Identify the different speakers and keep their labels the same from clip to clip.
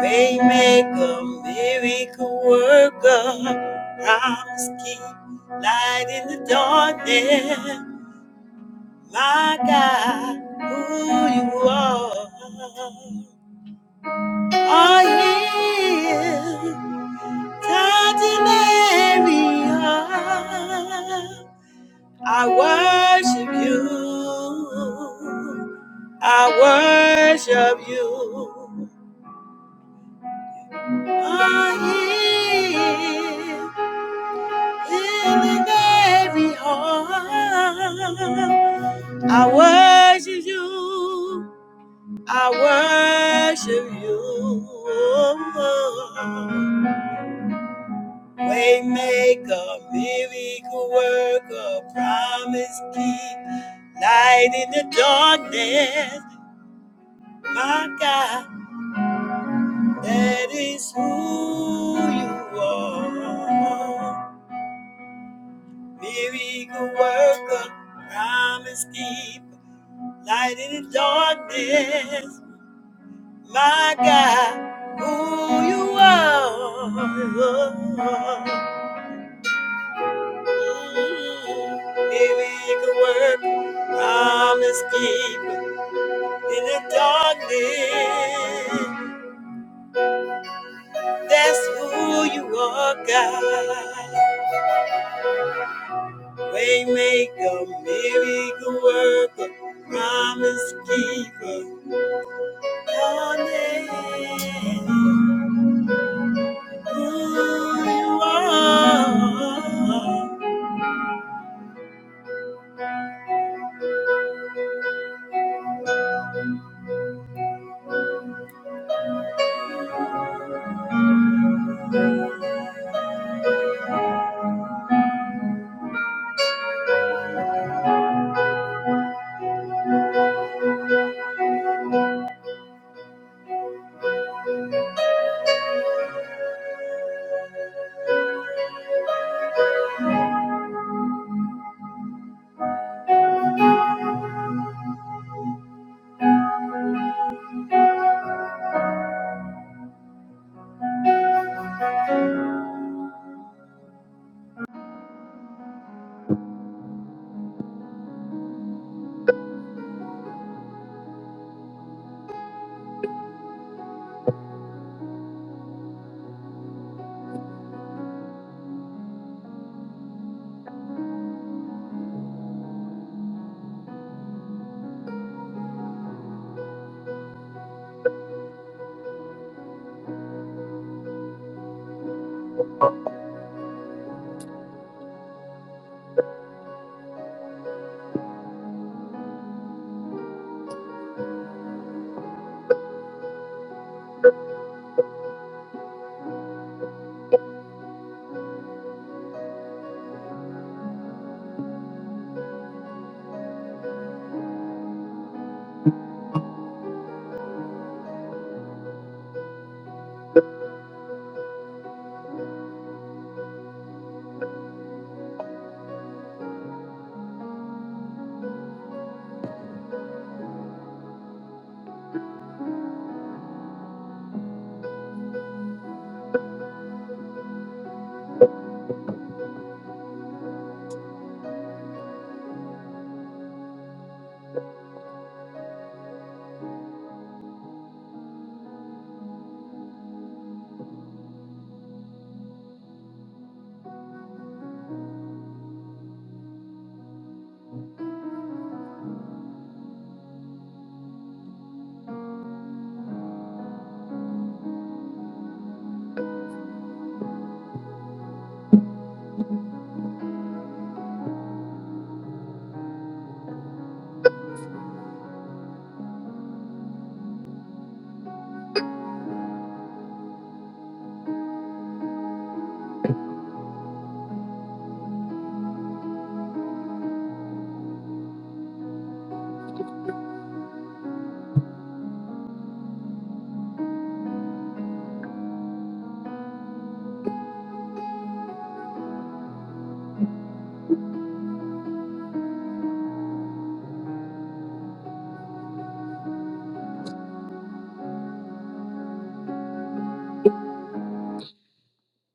Speaker 1: Waymaker, miracle worker, promise keep light in the darkness. My God, who you are, are you touching every heart? I worship you. I worship you. are here, healing every heart. I worship you. I worship you. Waymaker, miracle worker, promise keep light in the darkness. My God, that is who you are. Miracle worker, promise keeper, light in the darkness, my God, who you are. Miracle worker, promise keeper, in the darkness, that's who you are, God. Waymaker, miracle worker, promise keeper. Your name. Who you are.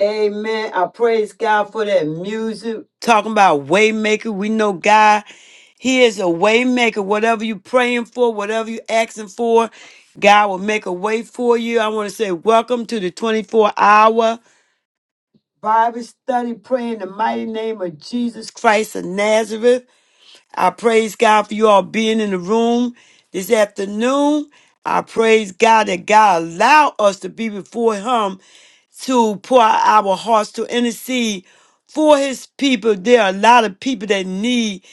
Speaker 1: Amen. I praise God for that music. Talking about waymaker, we know God. He is a waymaker. Whatever you praying for, whatever you asking for, God will make a way for you. I want to say welcome to the 24-hour Bible study, praying the mighty name of Jesus Christ of Nazareth. I praise God for you all being in the room this afternoon. I praise God that God allowed us to be before Him to pour out our hearts to intercede for His people. There are a lot of people that need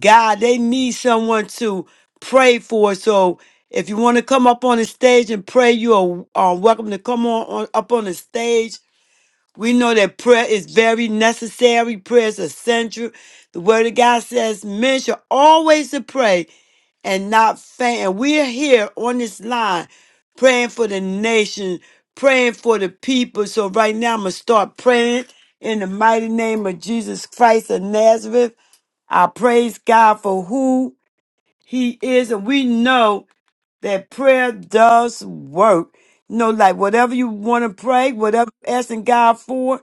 Speaker 1: God, they need someone to pray for. So if you want to come up on the stage and pray, you are uh, welcome to come on, on up on the stage we know that prayer is very necessary, prayer is essential. The Word of God says men should always to pray and not faint. And we're here on this line praying for the nation, praying for the people. So right now, I'm going to start praying in the mighty name of Jesus Christ of Nazareth. I praise God for who He is. And we know that prayer does work. You know, like whatever you want to pray, whatever you're asking God for.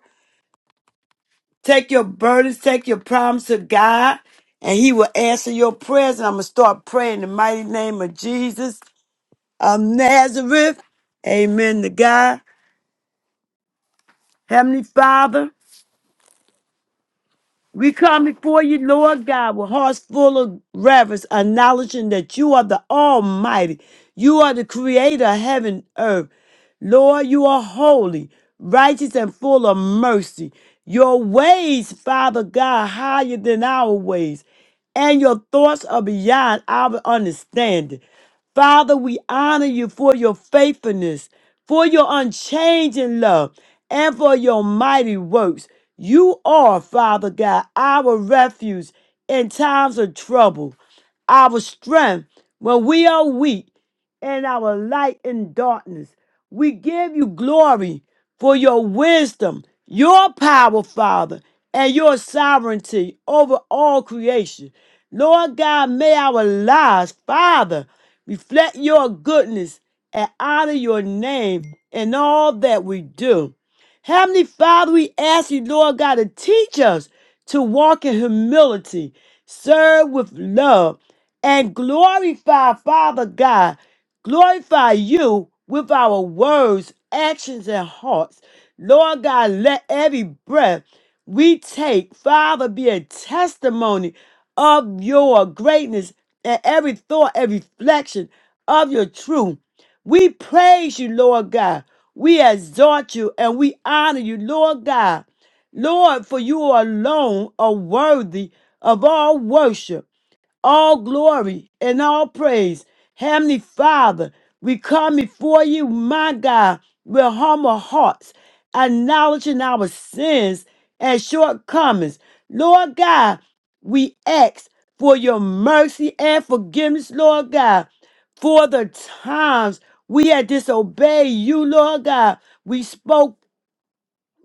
Speaker 1: Take your burdens, take your problems to God, and He will answer your prayers. And I'm going to start praying in the mighty name of Jesus of Nazareth. Amen to God. Heavenly Father. We come before you, Lord God, with hearts full of reverence, acknowledging that you are the Almighty. You are the creator of heaven and earth. Lord, you are holy, righteous, and full of mercy. Your ways, Father God, higher than our ways, and your thoughts are beyond our understanding. Father, we honor you for your faithfulness, for your unchanging love, and for your mighty works. You are, Father God, our refuge in times of trouble, our strength when we are weak, and our light in darkness. We give you glory for your wisdom, your power, Father, and your sovereignty over all creation. Lord God, may our lives, Father, reflect your goodness, and honor your name in all that we do. Heavenly Father, we ask you, Lord God, to teach us to walk in humility, serve with love, and glorify, Father God, glorify you with our words, actions, and hearts. Lord God, let every breath we take, Father, be a testimony of your greatness and every thought every reflection of your truth. We praise you, Lord God. We exalt you and we honor you, Lord God. Lord, for you alone are worthy of all worship all glory and all praise. Heavenly Father, we come before you, my God, with humble hearts, acknowledging our sins and shortcomings. Lord God, we ask for your mercy and forgiveness, Lord God, for the times we had disobeyed you, Lord God. We spoke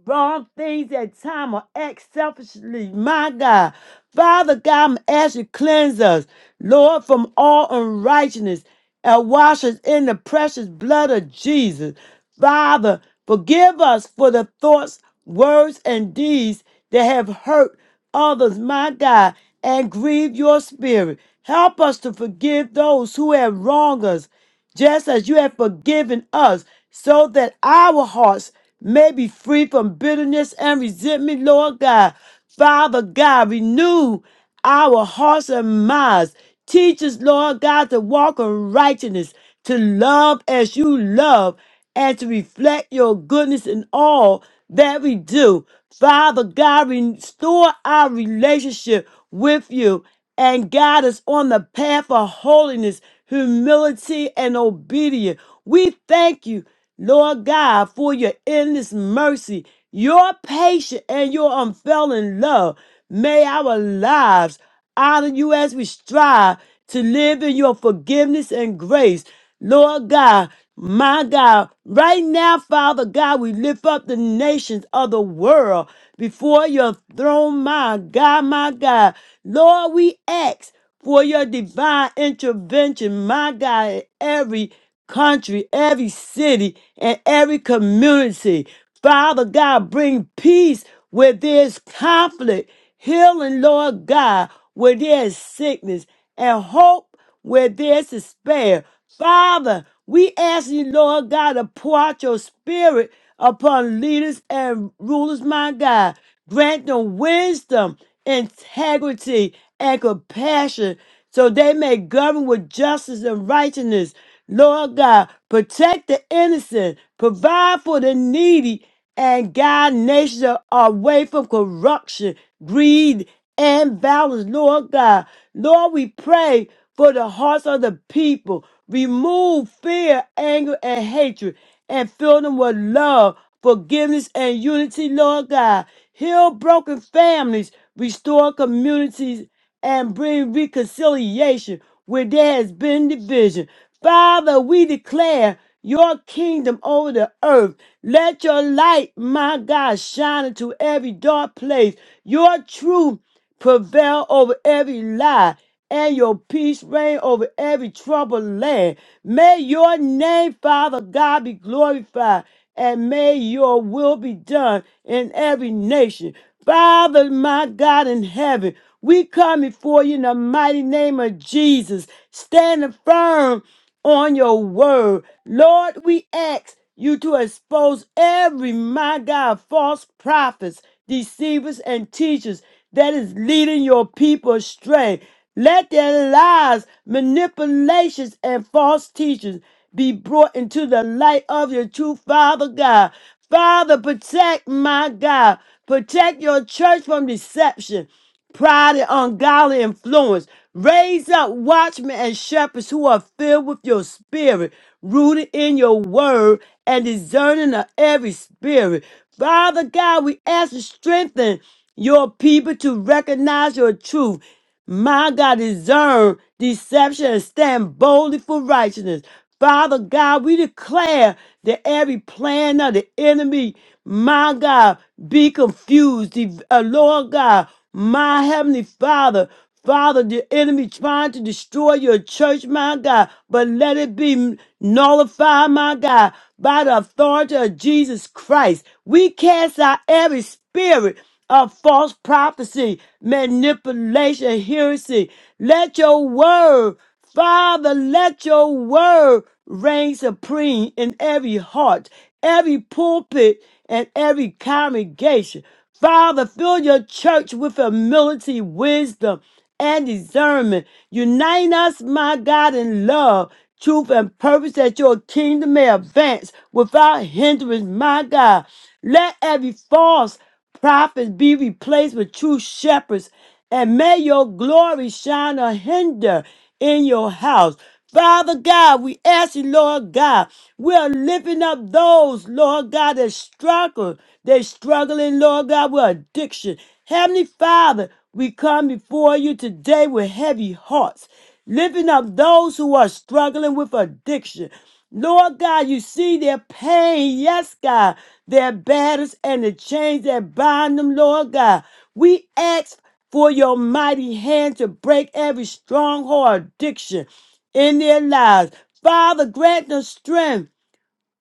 Speaker 1: wrong things at time or act selfishly. My God. Father God, I'm asking you cleanse us, Lord, from all unrighteousness and wash us in the precious blood of Jesus. Father, forgive us for the thoughts, words, and deeds that have hurt others, my God, and grieve your spirit. Help us to forgive those who have wronged us just as you have forgiven us, so that our hearts may be free from bitterness and resentment, Lord God. Father God, renew our hearts and minds. Teach us, Lord God, to walk in righteousness, to love as you love, and to reflect your goodness in all that we do. Father God, restore our relationship with you and guide us on the path of holiness, humility, and obedience. We thank you, Lord God, for your endless mercy, your patience, and your unfailing love. May our lives honor you as we strive to live in your forgiveness and grace. Lord God, my God, right now, Father God, we lift up the nations of the world before your throne, my God, my God. Lord, we ask for your divine intervention, my God, in every country, every city, and every community. Father God, bring peace where there's conflict, healing, Lord God, where there's sickness, and hope where there's despair. Father, we ask you, Lord God, to pour out your spirit upon leaders and rulers, my God. Grant them wisdom, integrity, and compassion so they may govern with justice and righteousness. Lord God, protect the innocent, provide for the needy, and guide nations away from corruption, greed, and violence. Lord God, Lord, we pray for the hearts of the people. Remove fear, anger, and hatred, and fill them with love, forgiveness, and unity. Lord God, heal broken families, restore communities and bring reconciliation where there has been division. Father, we declare your kingdom over the earth. Let your light, my God, shine into every dark place. Your truth prevail over every lie, and your peace reign over every troubled land. May your name, Father God, be glorified, and may your will be done in every nation. Father, my God in heaven, we come before you in the mighty name of Jesus, standing firm on your word. Lord, we ask you to expose every, my God, false prophets, deceivers, and teachers that is leading your people astray. Let their lies, manipulations, and false teachings be brought into the light of your true Father God. Father, protect my God. Protect your church from deception pride and ungodly influence. Raise up watchmen and shepherds who are filled with your spirit, rooted in your word, and discerning of every spirit. Father God, we ask you to strengthen your people to recognize your truth my God, discern deception and stand boldly for righteousness. Father God, we declare that every plan of the enemy, my God, be confused. The- uh, Lord God, my heavenly Father, Father, the enemy trying to destroy your church, my God, but let it be nullified, my God, by the authority of Jesus Christ. We cast out every spirit of false prophecy, manipulation, heresy. Let your word, Father, let your word reign supreme in every heart, every pulpit, and every congregation. Father, fill your church with humility, wisdom, and discernment. Unite us, my God, in love, truth, and purpose that your kingdom may advance without hindrance, my God. Let every false prophets be replaced with true shepherds, and may your glory shine a hinder in your house. Father God, we ask you, Lord God, we are lifting up those, Lord God, that struggle. They struggling, Lord God, with addiction. Heavenly Father, we come before you today with heavy hearts lifting up those who are struggling with addiction. Lord God, you see their pain, yes, God, their battles and the chains that bind them, Lord God. We ask for your mighty hand to break every stronghold addiction in their lives. Father, grant them strength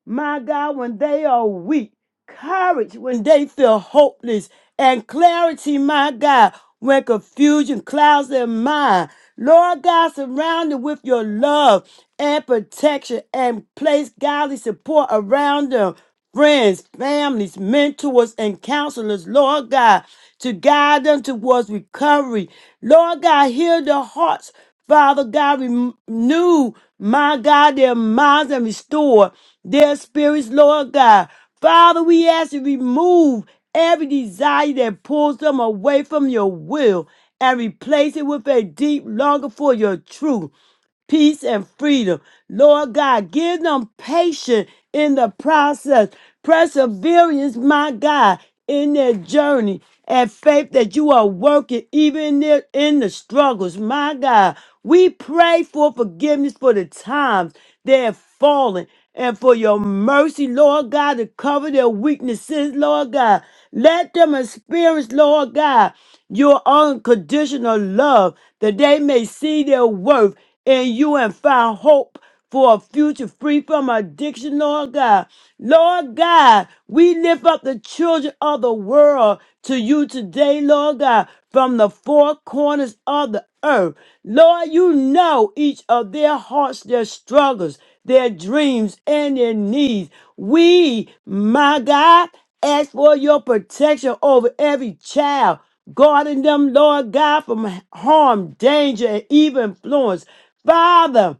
Speaker 1: my God, when they are weak, courage when they feel hopeless, and clarity, my God, when confusion clouds their mind. Lord God, surround them with your love and protection and place godly support around them. Friends, families, mentors, and counselors, Lord God, to guide them towards recovery. Lord God, heal their hearts. Father God, renew, my God, their minds and restore their spirits, Lord God. Father, we ask you remove every desire that pulls them away from your will and replace it with a deep longing for your truth peace, and freedom. Lord God, give them patience in the process, perseverance, my God, in their journey, and faith that you are working even in, their, in the struggles, my God. We pray for forgiveness for the times they have fallen and for your mercy, Lord God, to cover their weaknesses, Lord God. Let them experience, Lord God, your unconditional love that they may see their worth in you and find hope for a future free from addiction, Lord God. Lord God, we lift up the children of the world to you today, Lord God, from the four corners of the earth. Lord, you know each of their hearts, their struggles, their dreams, and their needs. We, my God, Ask for your protection over every child, guarding them, Lord God, from harm, danger, and evil influence. Father,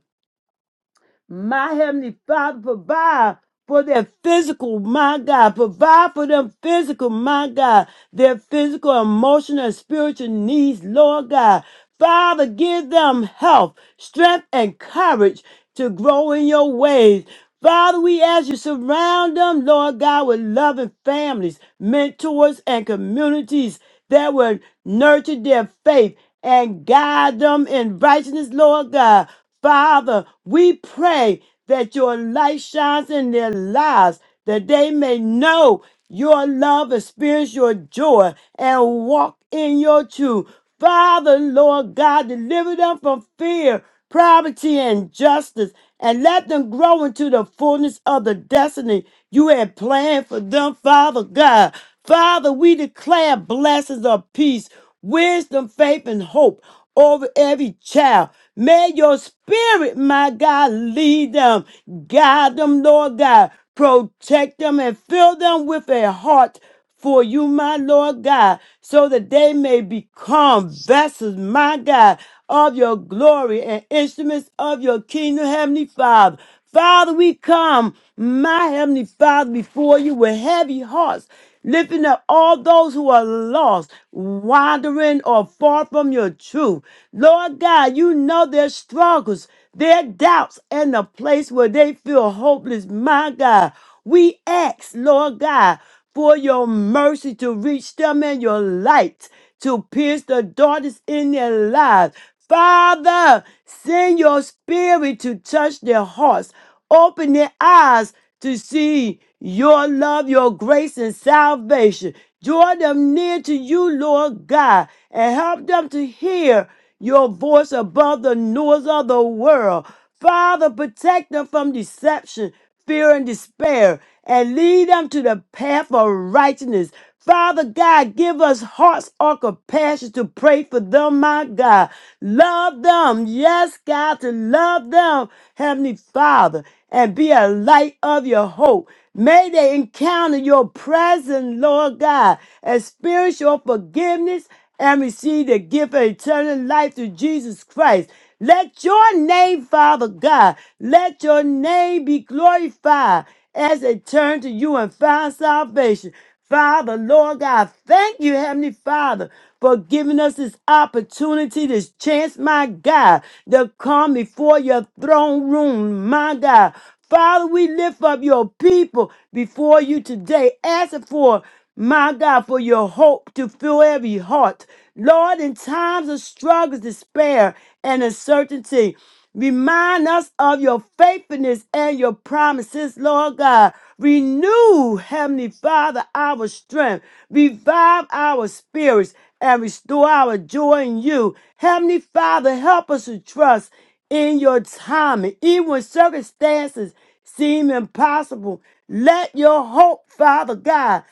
Speaker 1: my Heavenly Father, provide for their physical, my God. Provide for them physical, my God. Their physical, emotional, and spiritual needs, Lord God. Father, give them health, strength, and courage to grow in your ways. Father, we ask you surround them, Lord God, with loving families, mentors, and communities that will nurture their faith and guide them in righteousness, Lord God. Father, we pray that your light shines in their lives, that they may know your love, experience your joy, and walk in your truth. Father, Lord God, deliver them from fear, poverty, and justice, and let them grow into the fullness of the destiny you had planned for them, Father God. Father, we declare blessings of peace wisdom, faith, and hope over every child. May your spirit, my God, lead them, guide them, Lord God, protect them, and fill them with a heart for you, my Lord God, so that they may become vessels, my God, of your glory and instruments of your kingdom, Heavenly Father. Father, we come, my heavenly Father, before you with heavy hearts, lifting up all those who are lost, wandering or far from your truth. Lord God, you know their struggles, their doubts, and the place where they feel hopeless, my God. We ask, Lord God, for your mercy to reach them and your light to pierce the darkness in their lives. Father, send your spirit to touch their hearts, open their eyes to see your love, your grace, and salvation. Draw them near to you, Lord God, and help them to hear your voice above the noise of the world. Father, protect them from deception, fear, and despair, and lead them to the path of righteousness. Father God, give us hearts or compassion to pray for them, my God. Love them. Yes, God, to love them, Heavenly Father, and be a light of your hope. May they encounter your presence, Lord God, experience your forgiveness, and receive the gift of eternal life through Jesus Christ. Let your name, Father God, let your name be glorified as they turn to you and find salvation. Father, Lord God, thank you, Heavenly Father, for giving us this opportunity, this chance, my God, to come before your throne room, my God. Father, we lift up your people before you today, asking for, my God, for your hope to fill every heart. Lord, in times of struggles, despair, and uncertainty, remind us of your faithfulness and your promises, Lord God. Renew, Heavenly Father, our strength, revive our spirits, and restore our joy in you. Heavenly Father, help us to trust in your timing, even when circumstances seem impossible. Let your hope, Father God,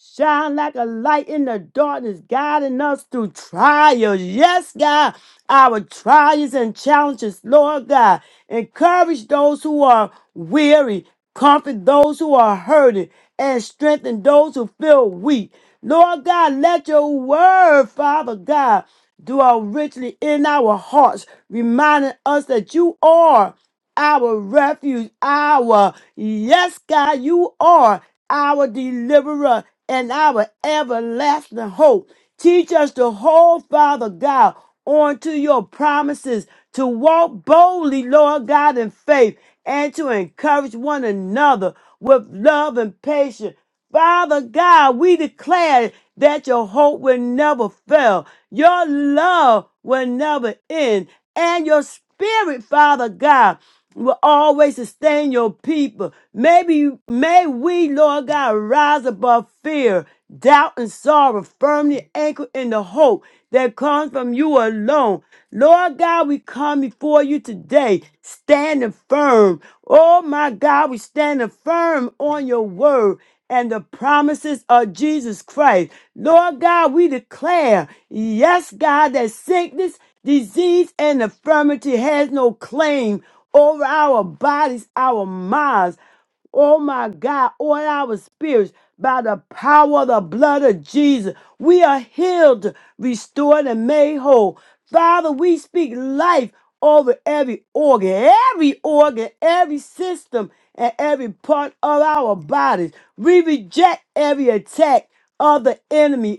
Speaker 1: Shine like a light in the darkness, guiding us through trials. Yes, God, our trials and challenges, Lord God. Encourage those who are weary, comfort those who are hurting, and strengthen those who feel weak. Lord God, let your word, Father God, dwell richly in our hearts, reminding us that you are our refuge, our yes, God, you are our deliverer and our everlasting hope. Teach us to hold, Father God, onto your promises, to walk boldly, Lord God, in faith, and to encourage one another with love and patience. Father God, we declare that your hope will never fail, your love will never end, and your spirit, Father God, will always sustain your people. Maybe may we, Lord God, rise above fear doubt and sorrow firmly anchored in the hope that comes from you alone. Lord God, we come before you today, standing firm. Oh my God, we standing firm on your word and the promises of Jesus Christ. Lord God, we declare, yes, God, that sickness, disease, and infirmity has no claim over our bodies, our minds. Oh my God, oil our spirits by the power of the blood of Jesus. We are healed, restored, and made whole. Father, we speak life over every organ, every organ, every system, and every part of our bodies. We reject every attack of the enemy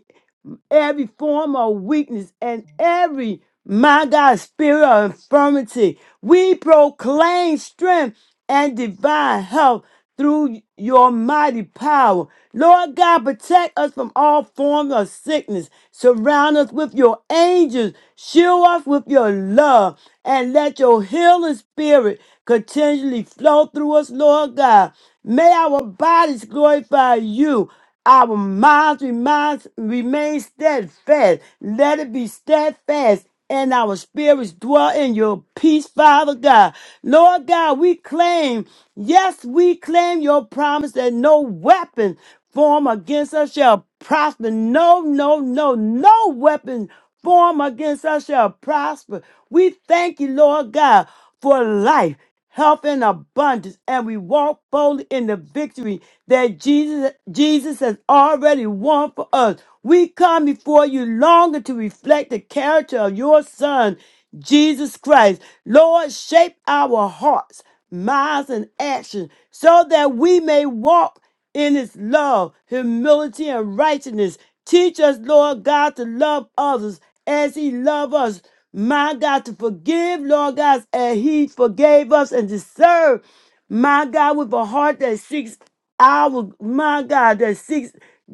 Speaker 1: every form of weakness and every, my God, spirit of infirmity. We proclaim strength and divine health through your mighty power. Lord God, protect us from all forms of sickness. Surround us with your angels. Shield us with your love. And let your healing spirit continually flow through us, Lord God. May our bodies glorify you our minds reminds, remain steadfast. Let it be steadfast. And our spirits dwell in your peace, Father God. Lord God, we claim, yes, we claim your promise that no weapon formed against us shall prosper. No, no, no, no weapon formed against us shall prosper. We thank you, Lord God for life, health, and abundance, and we walk boldly in the victory that Jesus, Jesus has already won for us. We come before you longer to reflect the character of your Son, Jesus Christ. Lord, shape our hearts, minds, and actions so that we may walk in his love, humility, and righteousness. Teach us, Lord God, to love others as he loved us. My God, to forgive, Lord God, as he forgave us and to serve. My God, with a heart that seeks our my God that seeks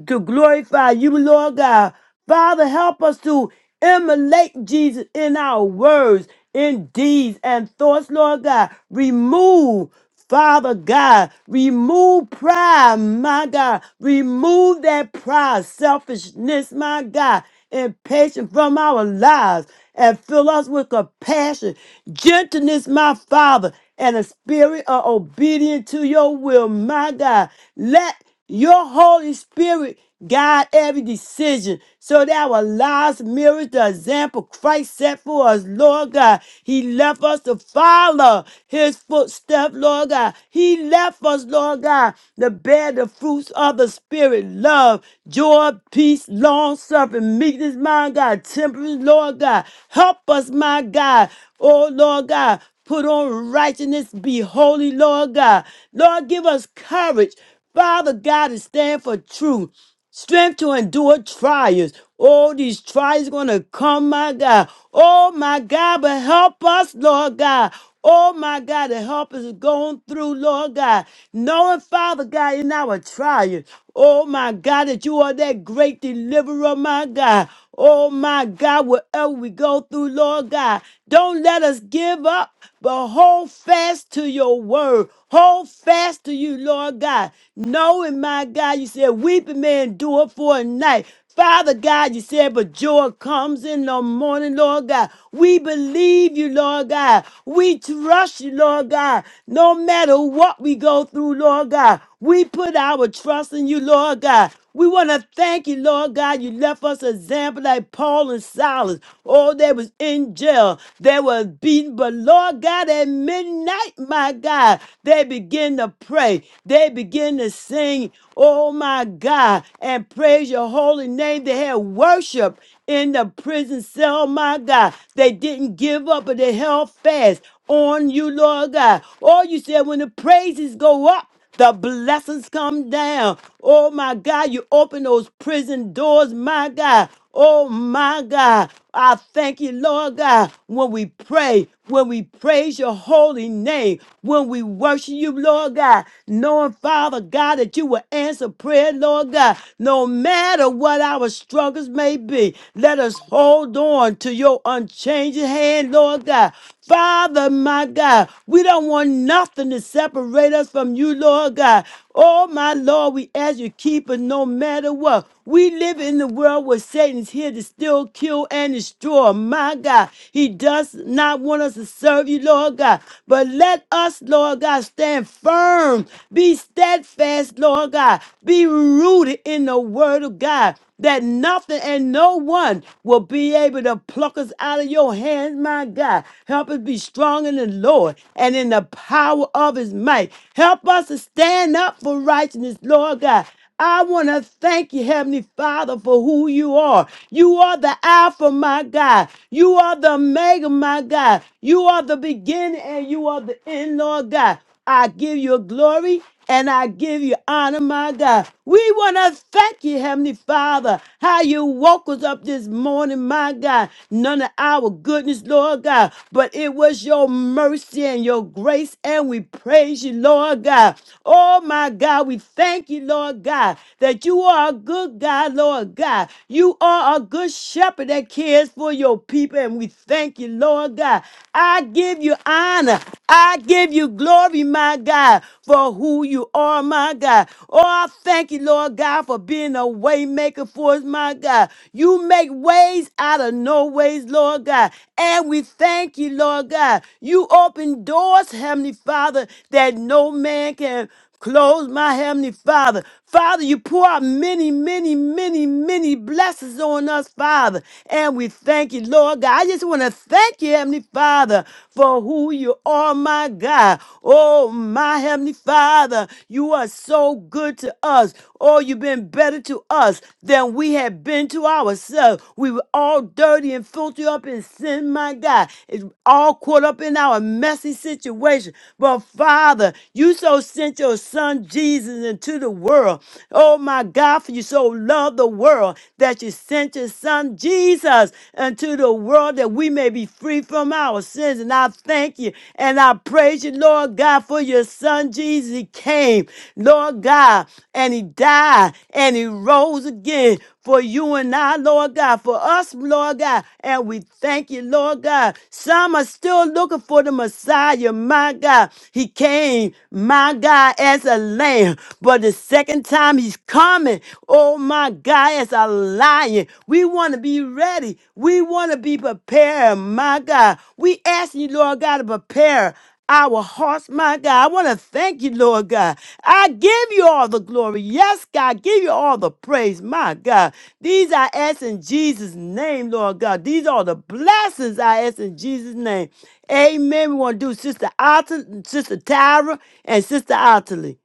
Speaker 1: to glorify you, Lord God. Father, help us to emulate Jesus in our words, in deeds, and thoughts, Lord God. Remove, Father God, remove pride, my God. Remove that pride, selfishness, my God, and patience from our lives and fill us with compassion, gentleness, my Father and a spirit of obedience to your will, my God. Let your Holy Spirit guide every decision so that our lives mirror the example Christ set for us, Lord God. He left us to follow his footsteps, Lord God. He left us, Lord God, to bear the fruits of the Spirit love, joy, peace, long suffering, meekness, my God, temperance, Lord God. Help us, my God. Oh, Lord God, Put on righteousness. Be holy, Lord God. Lord, give us courage, Father God, to stand for truth. Strength to endure trials. All these trials gonna come, my God. Oh my God, but help us, Lord God. Oh my God, to help us going through, Lord God. Knowing, Father God, in our trials. Oh my God, that you are that great deliverer, my God. Oh my God, whatever we go through, Lord God, don't let us give up, but hold fast to your word. Hold fast to you, Lord God. Knowing, my God, you said, weeping may endure for a night. Father God, you said, but joy comes in the morning, Lord God. We believe you, Lord God. We trust you, Lord God. No matter what we go through, Lord God, we put our trust in you, Lord God. We want to thank you, Lord God. You left us an example like Paul and Silas. Oh, they was in jail. They was beaten. But Lord God, at midnight, my God, they begin to pray. They begin to sing, oh my God, and praise your holy name. They had worship in the prison cell, oh, my God. They didn't give up, but they held fast on you, Lord God. Oh, you said when the praises go up. The blessings come down. Oh my God, you open those prison doors, my God. Oh my God, I thank you, Lord God, when we pray, when we praise your holy name, when we worship you, Lord God, knowing, Father God, that you will answer prayer, Lord God, no matter what our struggles may be. Let us hold on to your unchanging hand, Lord God. Father, my God, we don't want nothing to separate us from you, Lord God. Oh, my Lord, we ask you, keep us no matter what. We live in the world where Satan's here to still kill and destroy. My God, he does not want us to serve you, Lord God. But let us, Lord God, stand firm, be steadfast, Lord God, be rooted in the word of God that nothing and no one will be able to pluck us out of your hands, my God. Help us be strong in the Lord and in the power of his might. Help us to stand up for righteousness, Lord God. I want to thank you, Heavenly Father, for who you are. You are the Alpha, my God. You are the Omega, my God. You are the beginning and you are the end, Lord God. I give you glory and I give you honor, my God. We want to thank you, Heavenly Father, how you woke us up this morning, my God. None of our goodness, Lord God, but it was your mercy and your grace, and we praise you, Lord God. Oh, my God, we thank you, Lord God, that you are a good God, Lord God. You are a good shepherd that cares for your people, and we thank you, Lord God. God. I give you honor. I give you glory, my God, for who you are, my God. Oh, I thank you, Lord God, for being a way maker for us, my God. You make ways out of no ways, Lord God. And we thank you, Lord God. You open doors, Heavenly Father, that no man can Close my heavenly Father. Father, you pour out many, many, many, many blessings on us, Father. And we thank you, Lord God. I just want to thank you, Heavenly Father, for who you are, my God. Oh, my Heavenly Father, you are so good to us. Oh, you've been better to us than we have been to ourselves. We were all dirty and filthy up in sin, my God. It's all caught up in our messy situation. But Father, you so sent your son Jesus into the world. Oh my God, for you so loved the world that you sent your son Jesus into the world that we may be free from our sins. And I thank you and I praise you, Lord God, for your son Jesus. He came, Lord God, and he died and he rose again for you and I, Lord God, for us, Lord God. And we thank you, Lord God. Some are still looking for the Messiah, my God my God, he came, my God, as a lamb. But the second time he's coming, oh my God, as a lion. We want to be ready. We want to be prepared, my God. We ask you, Lord God, to prepare our hearts, my God. I want to thank you, Lord God. I give you all the glory. Yes, God, I give you all the praise, my God. These I ask in Jesus' name, Lord God. These are the blessings I ask in Jesus' name. Amen. We want to do Sister Alton, Sister Tyra, and Sister Ottilie.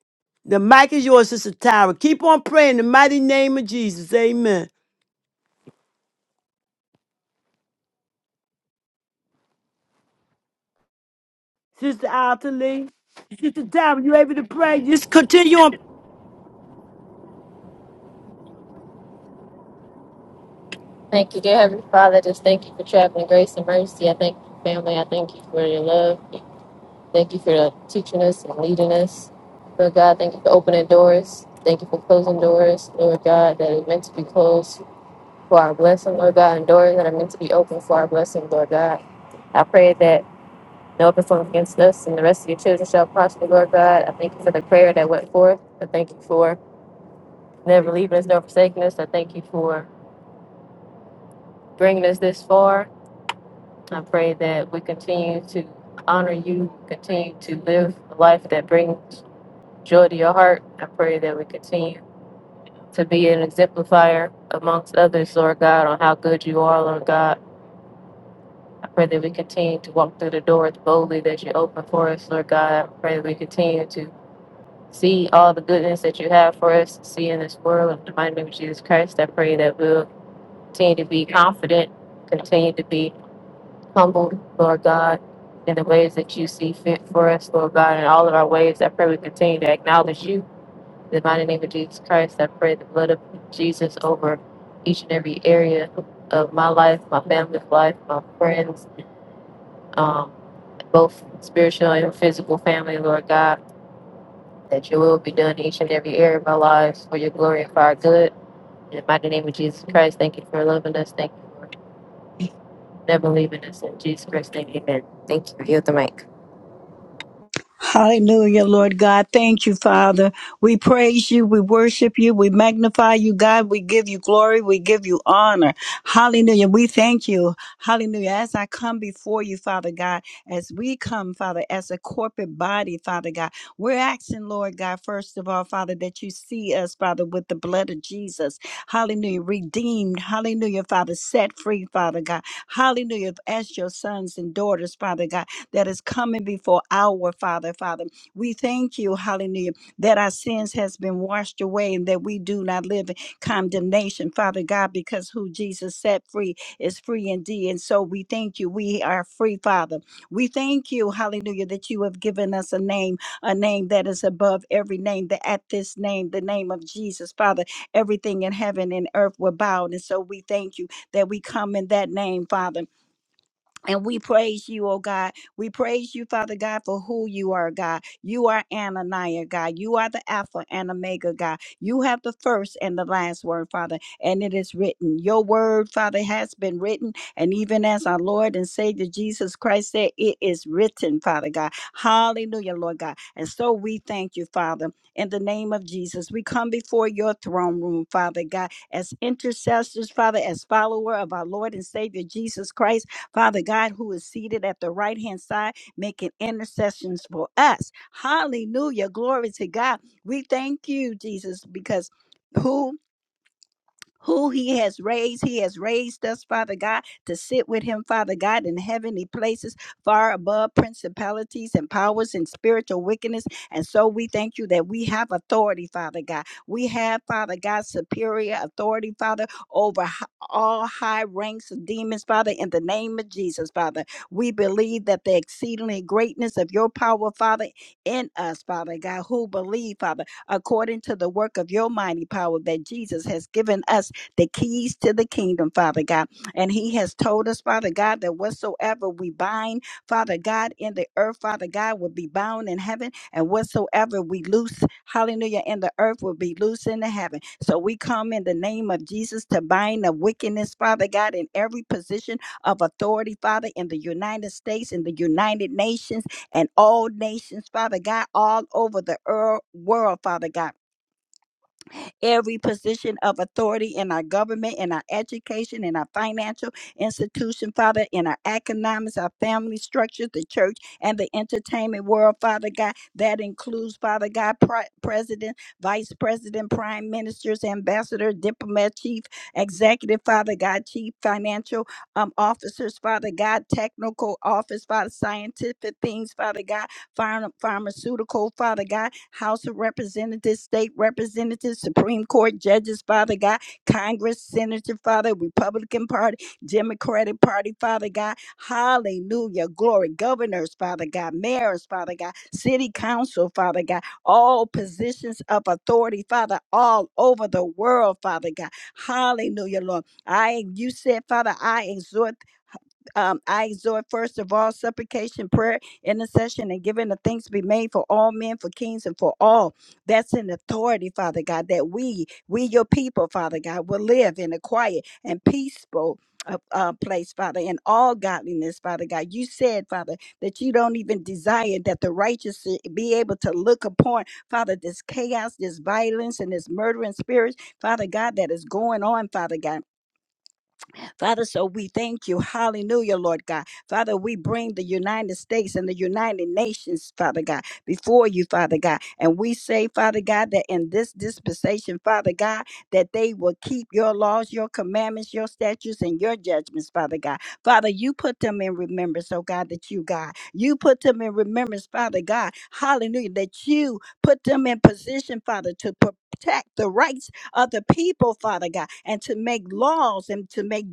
Speaker 1: The mic is yours, Sister Tyra. Keep on praying in the mighty name of Jesus. Amen. Sister Ottilie, Sister Tyra, you able to pray? Just continue on.
Speaker 2: Thank you, dear Heavenly Father. Just thank you for traveling grace and mercy. I thank you, family. I thank you for your love. Thank you for teaching us and leading us. Lord God, thank you for opening doors. Thank you for closing doors, Lord God, that are meant to be closed for our blessing, Lord God, and doors that are meant to be open for our blessing, Lord God. I pray that no weapon formed against us and the rest of your children shall prosper, Lord God. I thank you for the prayer that went forth. I thank you for never leaving us nor forsaking us. I thank you for bringing us this far. I pray that we continue to honor you, continue to live a life that brings joy to your heart. I pray that we continue to be an exemplifier amongst others, Lord God, on how good you are, Lord God. I pray that we continue to walk through the doors boldly that you open for us, Lord God. I pray that we continue to see all the goodness that you have for us to see in this world. In the mighty name of Jesus Christ, I pray that we'll continue to be confident, continue to be humbled, Lord God, in the ways that you see fit for us, Lord God, in all of our ways. I pray we continue to acknowledge you. In the mighty name of Jesus Christ, I pray the blood of Jesus over each and every area of my life, my family's life, my friends, um, both spiritual and physical family, Lord God, that your will be done in each and every area of our lives for your glory and for our good. In the mighty name of Jesus Christ, thank you for loving us. Thank you for never leaving us. In Jesus Christ, thank you. Amen. Thank you. Yield the mic.
Speaker 3: Hallelujah, Lord God. Thank you, Father. We praise you. We worship you. We magnify you, God. We give you glory. We give you honor. Hallelujah. We thank you. Hallelujah. As I come before you, Father God, as we come, Father, as a corporate body, Father God, we're asking, Lord God, first of all, Father, that you see us, Father, with the blood of Jesus. Hallelujah. Redeemed. Hallelujah, Father. Set free, Father God. Hallelujah. As your sons and daughters, Father God that is coming before our Father, Father. We thank you, hallelujah, that our sins has been washed away and that we do not live in condemnation, Father God, because who Jesus set free is free indeed. And so we thank you. We are free, Father. We thank you, hallelujah, that you have given us a name, a name that is above every name, that at this name, the name of Jesus, Father, everything in heaven and earth will bow. And so we thank you that we come in that name, Father. And we praise you, oh God. We praise you, Father God, for who you are, God. You are Ananiah, God. You are the Alpha and Omega, God. You have the first and the last word, Father. And it is written. Your word, Father, has been written. And even as our Lord and Savior Jesus Christ said, it is written, Father God. Hallelujah, Lord God. And so we thank you, Father, in the name of Jesus. We come before your throne room, Father God, as intercessors, Father, as follower of our Lord and Savior Jesus Christ. Father God, who is seated at the right hand side, making intercessions for us. Hallelujah. Glory to God. We thank you, Jesus, because who who he has raised. He has raised us, Father God, to sit with him, Father God, in heavenly places, far above principalities and powers and spiritual wickedness. And so we thank you that we have authority, Father God. We have, Father God, superior authority, Father, over h- all high ranks of demons, Father, in the name of Jesus, Father. We believe that the exceedingly greatness of your power, Father, in us, Father God, who believe, Father, according to the work of your mighty power that Jesus has given us the keys to the kingdom, Father God. And He has told us, Father God, that whatsoever we bind, Father God, in the earth, Father God, will be bound in heaven, and whatsoever we loose, hallelujah, in the earth will be loose in the heaven. So we come in the name of Jesus to bind the wickedness, Father God, in every position of authority, Father, in the United States, in the United Nations, and all nations, Father God, all over the ear- world, Father God every position of authority in our government, in our education, in our financial institution, Father, in our economics, our family structures, the church, and the entertainment world, Father God. That includes, Father God, pri- President, Vice President, Prime Ministers, Ambassador, Diplomat, Chief Executive, Father God, Chief Financial um, Officers, Father God, Technical Office, Father, Scientific Things, Father God pharma- pharmaceutical, Father God, House of Representatives, State Representatives, Supreme Court judges, Father God, Congress, Senator, Father, Republican Party, Democratic Party, Father God, hallelujah, glory, governors, Father God, mayors, Father God, city council, Father God, all positions of authority, Father, all over the world, Father God, hallelujah, Lord. I, you said, Father, I exhort um, I exhort first of all supplication, prayer, intercession, and giving of thanks be made for all men, for kings, and for all that's in authority, Father God, that we, we your people, Father God, will live in a quiet and peaceful uh, uh, place, Father, in all godliness, Father God. You said, Father, that you don't even desire that the righteous should be able to look upon, Father, this chaos, this violence, and this murdering spirits, Father God, that is going on, Father God. Father, so we thank you. Hallelujah, Lord God. Father, we bring the United States and the United Nations, Father God, before you, Father God. And we say, Father God, that in this dispensation, Father God, that they will keep your laws, your commandments, your statutes, and your judgments, Father God. Father, you put them in remembrance, oh God, that you, God, you put them in remembrance, Father God. Hallelujah, that you put them in position, Father, to protect the rights of the people, Father God, and to make laws and to make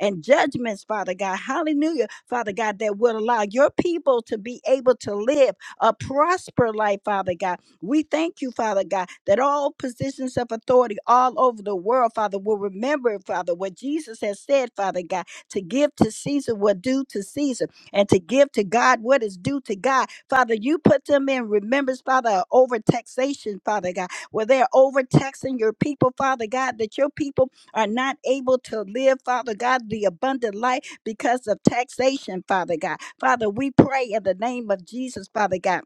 Speaker 3: and judgments, Father God. Hallelujah, Father God, that will allow your people to be able to live a prosper life, Father God. We thank you, Father God, that all positions of authority all over the world, Father, will remember, Father, what Jesus has said, Father God, to give to Caesar what due to Caesar and to give to God what is due to God. Father, you put them in remembrance, Father, over taxation, Father God, where they're overtaxing your people, Father God, that your people are not able to live, Father God, the abundant life because of taxation, Father God. Father, we pray in the name of Jesus, Father God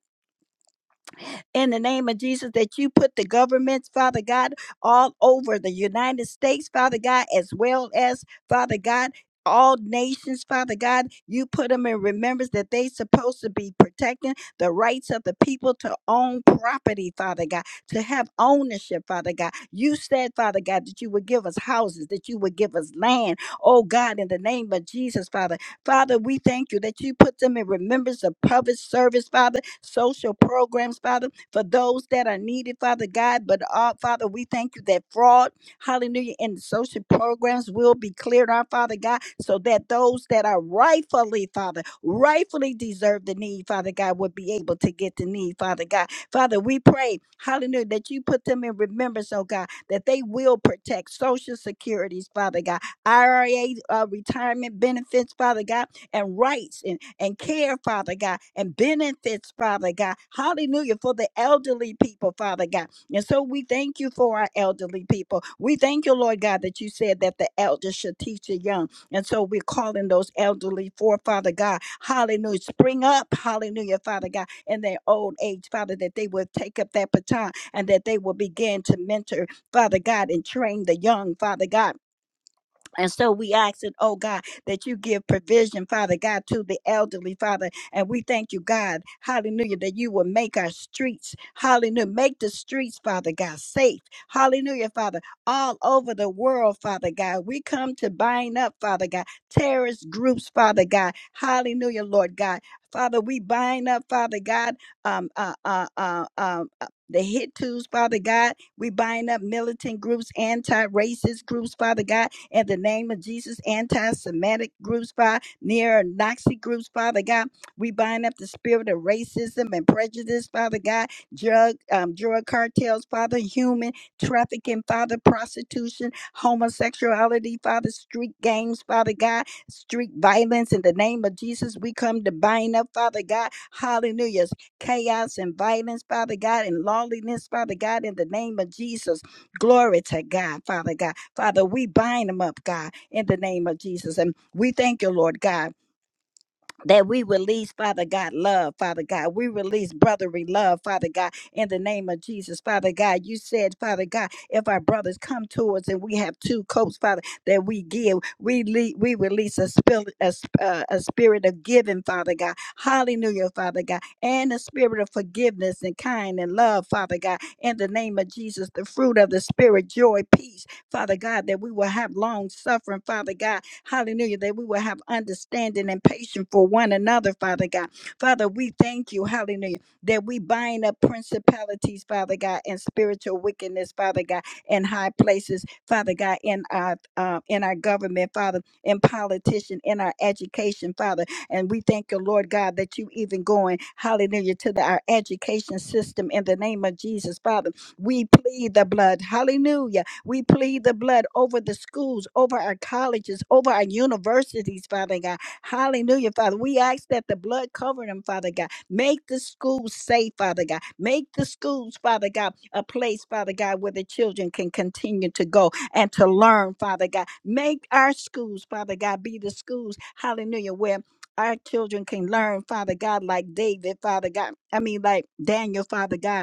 Speaker 3: in the name of Jesus that you put the governments, Father God, all over the United States, Father God, as well as, Father God, all nations, Father God, you put them in remembrance that they supposed to be protecting the rights of the people to own property, Father God, to have ownership, Father God. You said, Father God, that you would give us houses, that you would give us land. Oh God, in the name of Jesus, Father. Father, we thank you that you put them in remembrance of public service, Father, social programs, Father for those that are needed, Father God. But uh, Father, we thank you that fraud, hallelujah, and social programs will be cleared out, Father God, so that those that are rightfully, Father, rightfully deserve the need, Father God, would be able to get the need, Father God. Father, we pray, hallelujah, that you put them in remembrance, oh God, that they will protect social securities, Father God, IRA uh, retirement benefits, Father God and rights and, and care, Father God, and benefits, Father God. Hallelujah, for the elderly people, Father God. And so we thank you for our elderly people. We thank you, Lord God, that you said that the elders should teach the young. And so we're calling those elderly for, Father God. Hallelujah. Spring up, hallelujah, Father God, in their old age, Father, that they will take up that baton and that they will begin to mentor, Father God, and train the young, Father God and so we ask it, oh God, that you give provision, Father God, to the elderly, Father. And we thank you, God, hallelujah, that you will make our streets, hallelujah, make the streets, Father God, safe. Hallelujah, Father, all over the world, Father God. We come to bind up, Father God, terrorist groups, Father God. Hallelujah, Lord God. Father, we bind up, Father God, um, uh, uh, uh, um, uh, the Hittus, Father God. We bind up militant groups, anti racist groups, Father God in the name of Jesus. Anti Semitic groups, Father, near Nazi groups, Father God. We bind up the spirit of racism and prejudice, Father God. Drug, um, drug cartels, Father, human trafficking, Father, prostitution, homosexuality, Father, street gangs, Father God, street violence. In the name of Jesus, we come to bind up, Father God. Hallelujah. Chaos and violence, Father God, and lawlessness, Father God, in the name of Jesus. Glory to God, Father God. Father, we bind them up, God, in the name of Jesus. And we thank you, Lord God that we release, Father God, love, Father God. We release brotherly love, Father God, in the name of Jesus, Father God. You said, Father God, if our brothers come to us and we have two coats, Father, that we give, we le- we release a, spill, a, sp- uh, a spirit of giving, Father God. Hallelujah, Father God, and a spirit of forgiveness and kind and love, Father God, in the name of Jesus, the fruit of the Spirit, joy, peace, Father God, that we will have long suffering, Father God, Hallelujah. That we will have understanding and patience for one another, Father God. Father, we thank you, hallelujah, that we bind up principalities, Father God, and spiritual wickedness, Father God, in high places, Father God, in our uh, in our government, Father, in politician, in our education, Father. And we thank you, Lord God, that you even going, hallelujah, to the, our education system in the name of Jesus, Father. We plead the blood, hallelujah we plead the blood over the schools, over our colleges, over our universities, Father God. Hallelujah, Father. We ask that the blood cover them, Father God. Make the schools safe, Father God. Make the schools, Father God, a place, Father God, where the children can continue to go and to learn, Father God. Make our schools, Father God, be the schools, hallelujah, where our children can learn, Father God, like David, Father God. I mean, like Daniel, Father God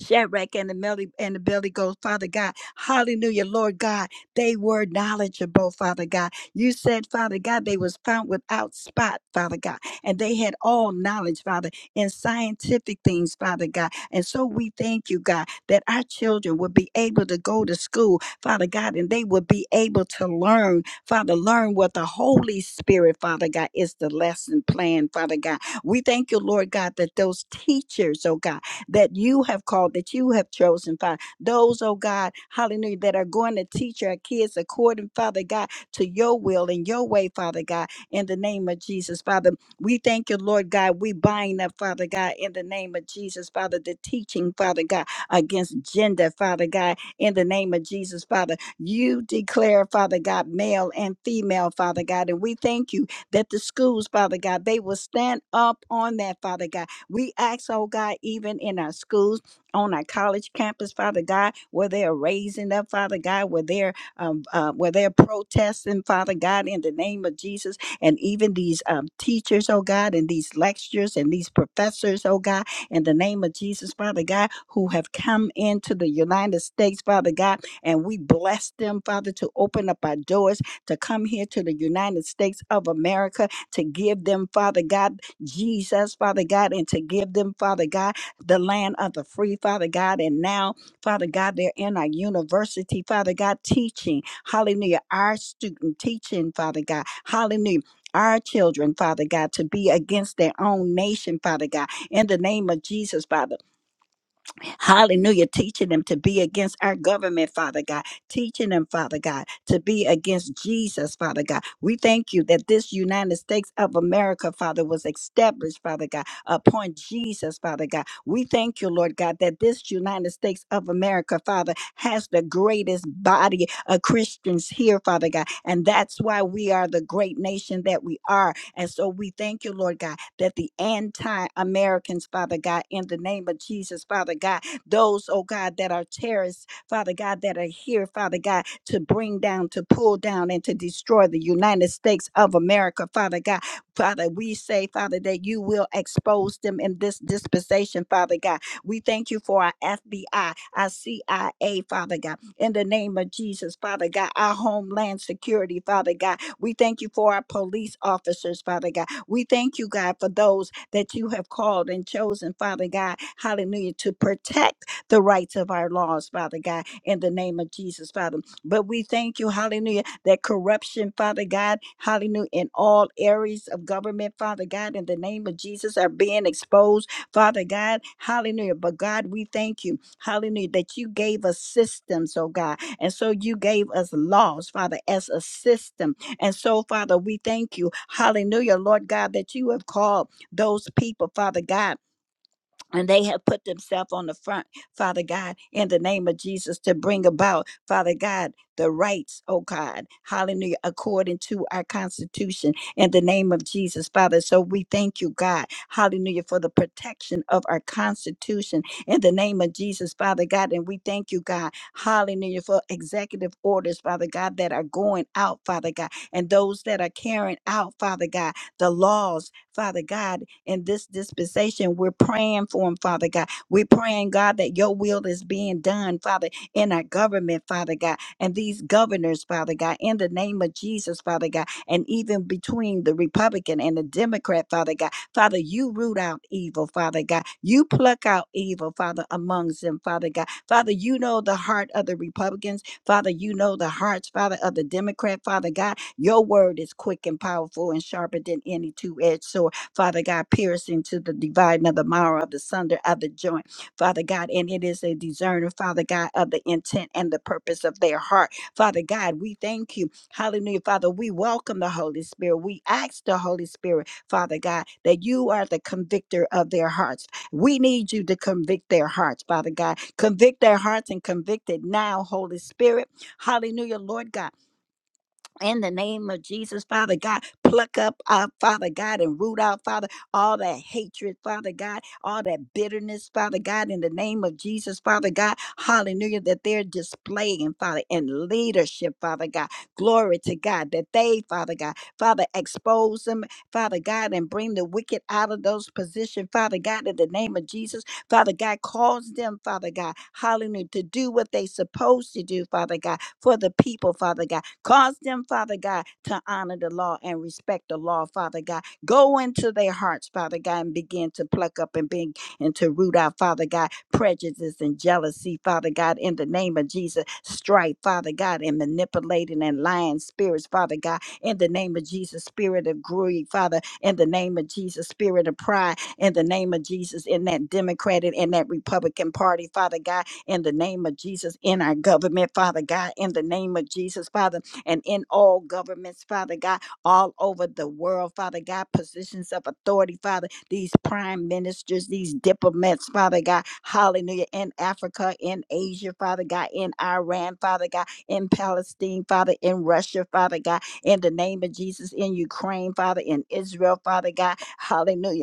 Speaker 3: Shadrach and the Melly and the Belly Ghost, Father God. Hallelujah, Lord God. They were knowledgeable, Father God. You said, Father God, they was found without spot, Father God. And they had all knowledge, Father, in scientific things, Father God. And so we thank you, God, that our children would be able to go to school, Father God, and they would be able to learn, Father, learn what the Holy Spirit, Father God, is the lesson plan, Father God. We thank you, Lord God, that those teachers, oh God, that you have called, that you have chosen, Father. Those, oh God, hallelujah, that are going to teach our kids according, Father God, to your will and your way, Father God, in the name of Jesus, Father. We thank you, Lord God. We bind up, Father God, in the name of Jesus, Father, the teaching, Father God, against gender, Father God, in the name of Jesus, Father. You declare, Father God, male and female, Father God. And we thank you that the schools, Father God, they will stand up on that, Father God we ask, oh God, even in our schools, on our college campus, Father God, where they're raising up, Father God, where they're um, uh, where they're protesting, Father God, in the name of Jesus, and even these um, teachers, oh God, and these lecturers and these professors, oh God, in the name of Jesus, Father God, who have come into the United States, Father God, and we bless them, Father, to open up our doors to come here to the United States of America to give them, Father God. Jesus, Father God, and to give them, Father God, the land of the free, Father God. And now, Father God, they're in our university, Father God, teaching, hallelujah, our student teaching, Father God, hallelujah. Our children, Father God, to be against their own nation, Father God, in the name of Jesus, Father. Hallelujah. Teaching them to be against our government, Father God. Teaching them, Father God, to be against Jesus, Father God. We thank you that this United States of America, Father, was established, Father God, upon Jesus, Father God. We thank you, Lord God, that this United States of America, Father, has the greatest body of Christians here, Father God. And that's why we are the great nation that we are. And so we thank you, Lord God, that the anti Americans, Father God, in the name of Jesus, Father God, those, oh God, that are terrorists, Father God, that are here, Father God, to bring down, to pull down, and to destroy the United States of America, Father God. Father, we say, Father, that you will expose them in this dispensation, Father God. We thank you for our FBI, our CIA, Father God. In the name of Jesus, Father God, our homeland security, Father God. We thank you for our police officers, Father God. We thank you, God, for those that you have called and chosen, Father God. Hallelujah. To protect the rights of our laws, Father God, in the name of Jesus, Father. But we thank you, hallelujah, that corruption, Father God, hallelujah, in all areas of government, Father God, in the name of Jesus, are being exposed, Father God, hallelujah. But God, we thank you, hallelujah, that you gave us systems, oh God. And so you gave us laws, Father, as a system and so, Father, we thank you. Hallelujah, Lord God, that you have called those people, Father God and they have put themselves on the front, Father God, in the name of Jesus, to bring about, Father God, the rights, oh God, hallelujah, according to our Constitution, in the name of Jesus, Father. So we thank you, God, hallelujah, for the protection of our Constitution, in the name of Jesus, Father God. And we thank you, God, hallelujah, for executive orders, Father God, that are going out, Father God, and those that are carrying out, Father God, the laws Father God, in this dispensation. We're praying for them, Father God. We're praying, God, that your will is being done, Father, in our government, Father God, and these governors, Father God, in the name of Jesus, Father God, and even between the Republican and the Democrat, Father God. Father, you root out evil, Father God. You pluck out evil, Father, amongst them, Father God. Father, you know the heart of the Republicans. Father, you know the hearts, Father, of the Democrat, Father God. Your word is quick and powerful and sharper than any two edged sword, Father God, piercing to the dividing of the marrow of the sunder of the joint, Father God. And it is a discerner, Father God, of the intent and the purpose of their heart. Father God, we thank you. Hallelujah, Father. We welcome the Holy Spirit. We ask the Holy Spirit, Father God, that you are the convictor of their hearts. We need you to convict their hearts, Father God. Convict their hearts and convict it now, Holy Spirit. Hallelujah, Lord God in the name of Jesus, Father God, pluck up, uh, Father God, and root out, Father, all that hatred, Father God, all that bitterness, Father God, in the name of Jesus, Father God, hallelujah, that they're displaying, Father, in leadership, Father God, glory to God, that they, Father God, Father, expose them, Father God, and bring the wicked out of those positions, Father God, in the name of Jesus, Father God, cause them, Father God, hallelujah, to do what they supposed to do, Father God, for the people, Father God Cause them, Father God, to honor the law and respect the law, Father God. Go into their hearts, Father God, and begin to pluck up and bring and to root out, Father God, prejudice and jealousy, Father God, in the name of Jesus. Strife, Father God, and manipulating and lying spirits, Father God, in the name of Jesus. Spirit of greed, Father, in the name of Jesus. Spirit of pride, in the name of Jesus. In that Democratic and that Republican Party, Father God, in the name of Jesus. In our government, Father God, in the name of Jesus, Father and in all governments, Father God, all over the world, Father God, positions of authority, Father, these prime ministers, these diplomats, Father God, hallelujah, in Africa, in Asia, Father God, in Iran, Father God, in Palestine, Father, in Russia, Father God, in the name of Jesus, in Ukraine, Father, in Israel, Father God, hallelujah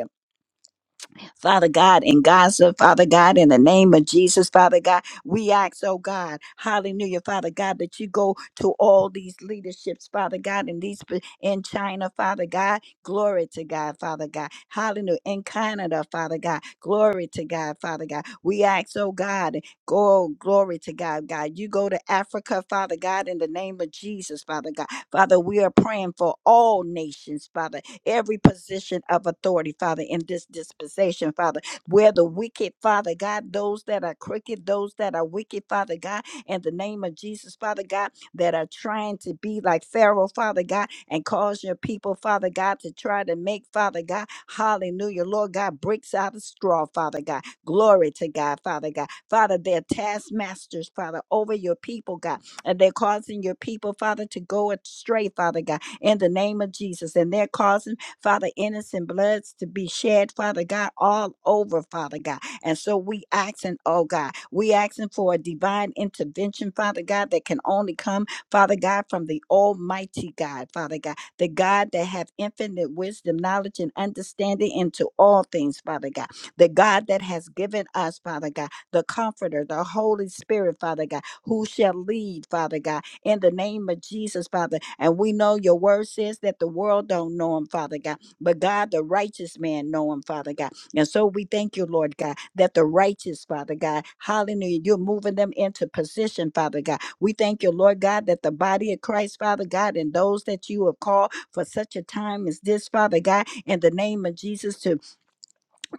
Speaker 3: Father God, in Gaza, Father God, in the name of Jesus, Father God, we ask, oh God, hallelujah, Father God, that you go to all these leaderships, Father God, in these in China, Father God, glory to God, Father God, hallelujah, in Canada, Father God, glory to God, Father God. We ask, oh God, go glory to God, God. You go to Africa, Father God, in the name of Jesus, Father God. Father, we are praying for all nations, Father, every position of authority, Father, in this dispensation, Father, where the wicked, Father God, those that are crooked, those that are wicked, Father God, in the name of Jesus, Father God, that are trying to be like Pharaoh, Father God, and cause your people, Father God, to try to make, Father God, hallelujah, Lord God, bricks out of straw, Father God. Glory to God, Father God. Father, they're taskmasters, Father, over your people, God and they're causing your people, Father, to go astray, Father God, in the name of Jesus. And they're causing, Father, innocent bloods to be shed, Father God, all over, Father God. And so we asking, oh God, we asking for a divine intervention, Father God, that can only come, Father God, from the Almighty God, Father God, the God that have infinite wisdom, knowledge, and understanding into all things, Father God, the God that has given us, Father God, the Comforter, the Holy Spirit, Father God who shall lead, Father God, in the name of Jesus, Father. And we know your word says that the world don't know him, Father God, but God, the righteous man know him, Father God. And so we thank you, Lord God, that the righteous, Father God, hallelujah, you're moving them into position, Father God. We thank you, Lord God, that the body of Christ, Father God, and those that you have called for such a time as this, Father God, in the name of Jesus, to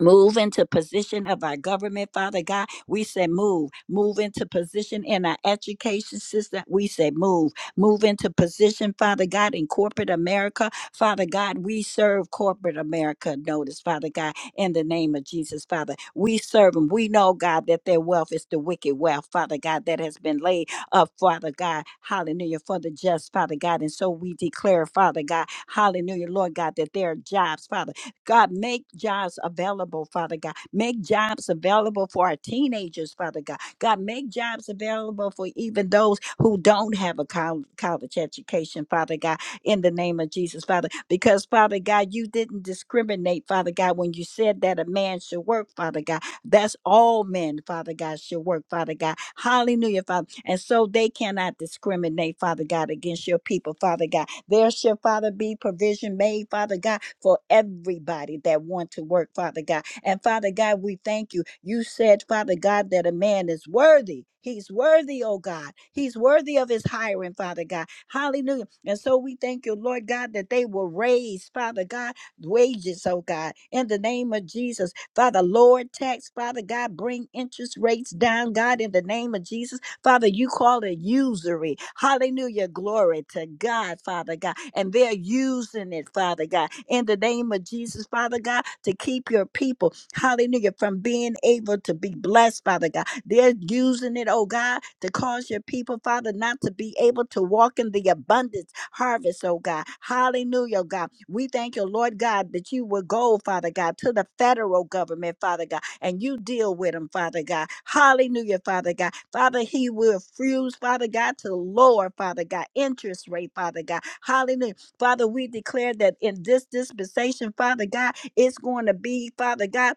Speaker 3: Move into position of our government, Father God. We say move. Move into position in our education system. We say move. Move into position, Father God, in corporate America. Father God, we serve corporate America. Notice, Father God, in the name of Jesus, Father. We serve them. We know, God, that their wealth is the wicked wealth, Father God, that has been laid up, Father God. Hallelujah. For the just, Father God. And so we declare, Father God, hallelujah, Lord God, that there are jobs, Father. God, make jobs available, Father God. Make jobs available for our teenagers, Father God. God, make jobs available for even those who don't have a col- college education, Father God, in the name of Jesus, Father. Because, Father God, you didn't discriminate, Father God, when you said that a man should work, Father God. That's all men, Father God, shall work, Father God. Hallelujah, Father. And so they cannot discriminate, Father God, against your people, Father God. There shall, Father, be provision made, Father God, for everybody that want to work, Father God. And Father God, we thank you. You said, Father God, that a man is worthy. He's worthy, oh God. He's worthy of his hiring, Father God. Hallelujah. And so we thank you, Lord God, that they will raise, Father God, wages, oh God, in the name of Jesus. Father, Lord, tax, Father God, bring interest rates down, God, in the name of Jesus. Father, you call it usury. Hallelujah. Glory to God, Father God. And they're using it, Father God, in the name of Jesus, Father God, to keep your people, hallelujah, from being able to be blessed, Father God. They're using it, oh God, to cause your people, Father, not to be able to walk in the abundance harvest, oh God. Hallelujah, oh God. We thank you, Lord God, that you will go, Father God, to the federal government, Father God and you deal with him, Father God. Hallelujah, Father God. Father, he will refuse, Father God, to lower, Father God, interest rate, Father God. Hallelujah. Father, we declare that in this dispensation, Father God, it's going to be, Father God,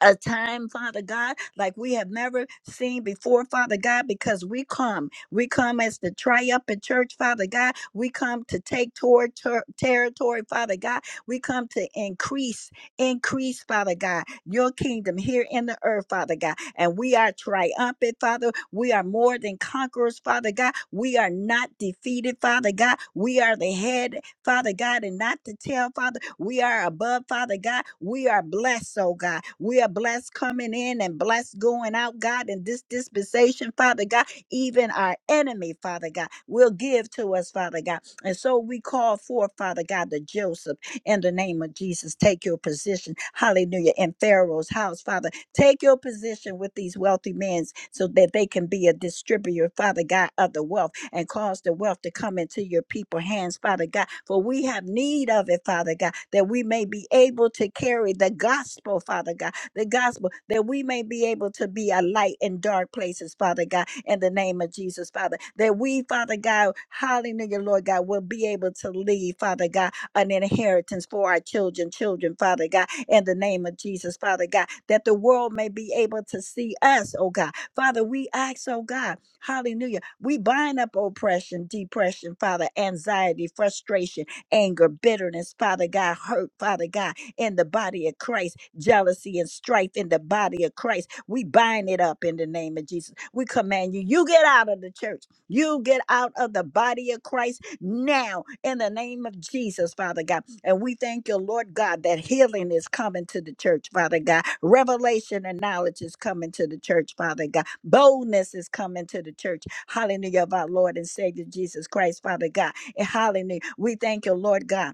Speaker 3: a time, Father God, like we have never seen before, Father God, because we come. We come as the triumphant church, Father God. We come to take toward ter- territory, Father God. We come to increase, increase, Father God, your kingdom here in the earth, Father God. And we are triumphant, Father. We are more than conquerors, Father God. We are not defeated, Father God. We are the head Father God, and not to tell, Father, we are above, Father God. We are blessed, oh God. We are blessed coming in and blessed going out, God, in this dispensation, Father God. Even our enemy, Father God, will give to us, Father God. And so we call forth, Father God, the Joseph in the name of Jesus. Take your position, hallelujah, in Pharaoh's house, Father. Take your position with these wealthy men so that they can be a distributor, Father God, of the wealth and cause the wealth to come into your people's hands, Father God. For we have need of it, Father God, that we may be able to carry the gospel, Father God, the gospel, that we may be able to be a light in dark places, Father God, in the name of Jesus, Father. That we, Father God, hallelujah, Lord God, will be able to leave, Father God, an inheritance for our children, children, Father God, in the name of Jesus, Father God, that the world may be able to see us, oh God. Father, we ask, oh God, hallelujah. We bind up oppression, depression, Father, anxiety, frustration, anger, bitterness, Father God, hurt, Father God, in the body of Christ, jealousy and strife in the body of Christ. We bind it up in the name of Jesus. We command you, you get out of the church. You get out of the body of Christ now in the name of Jesus, Father God. And we thank you, Lord God, that healing is coming to the church, Father God. Revelation and knowledge is coming to the church, Father God. Boldness is coming to the church. Hallelujah of our Lord and Savior Jesus Christ, Father God. And hallelujah. We thank you, Lord God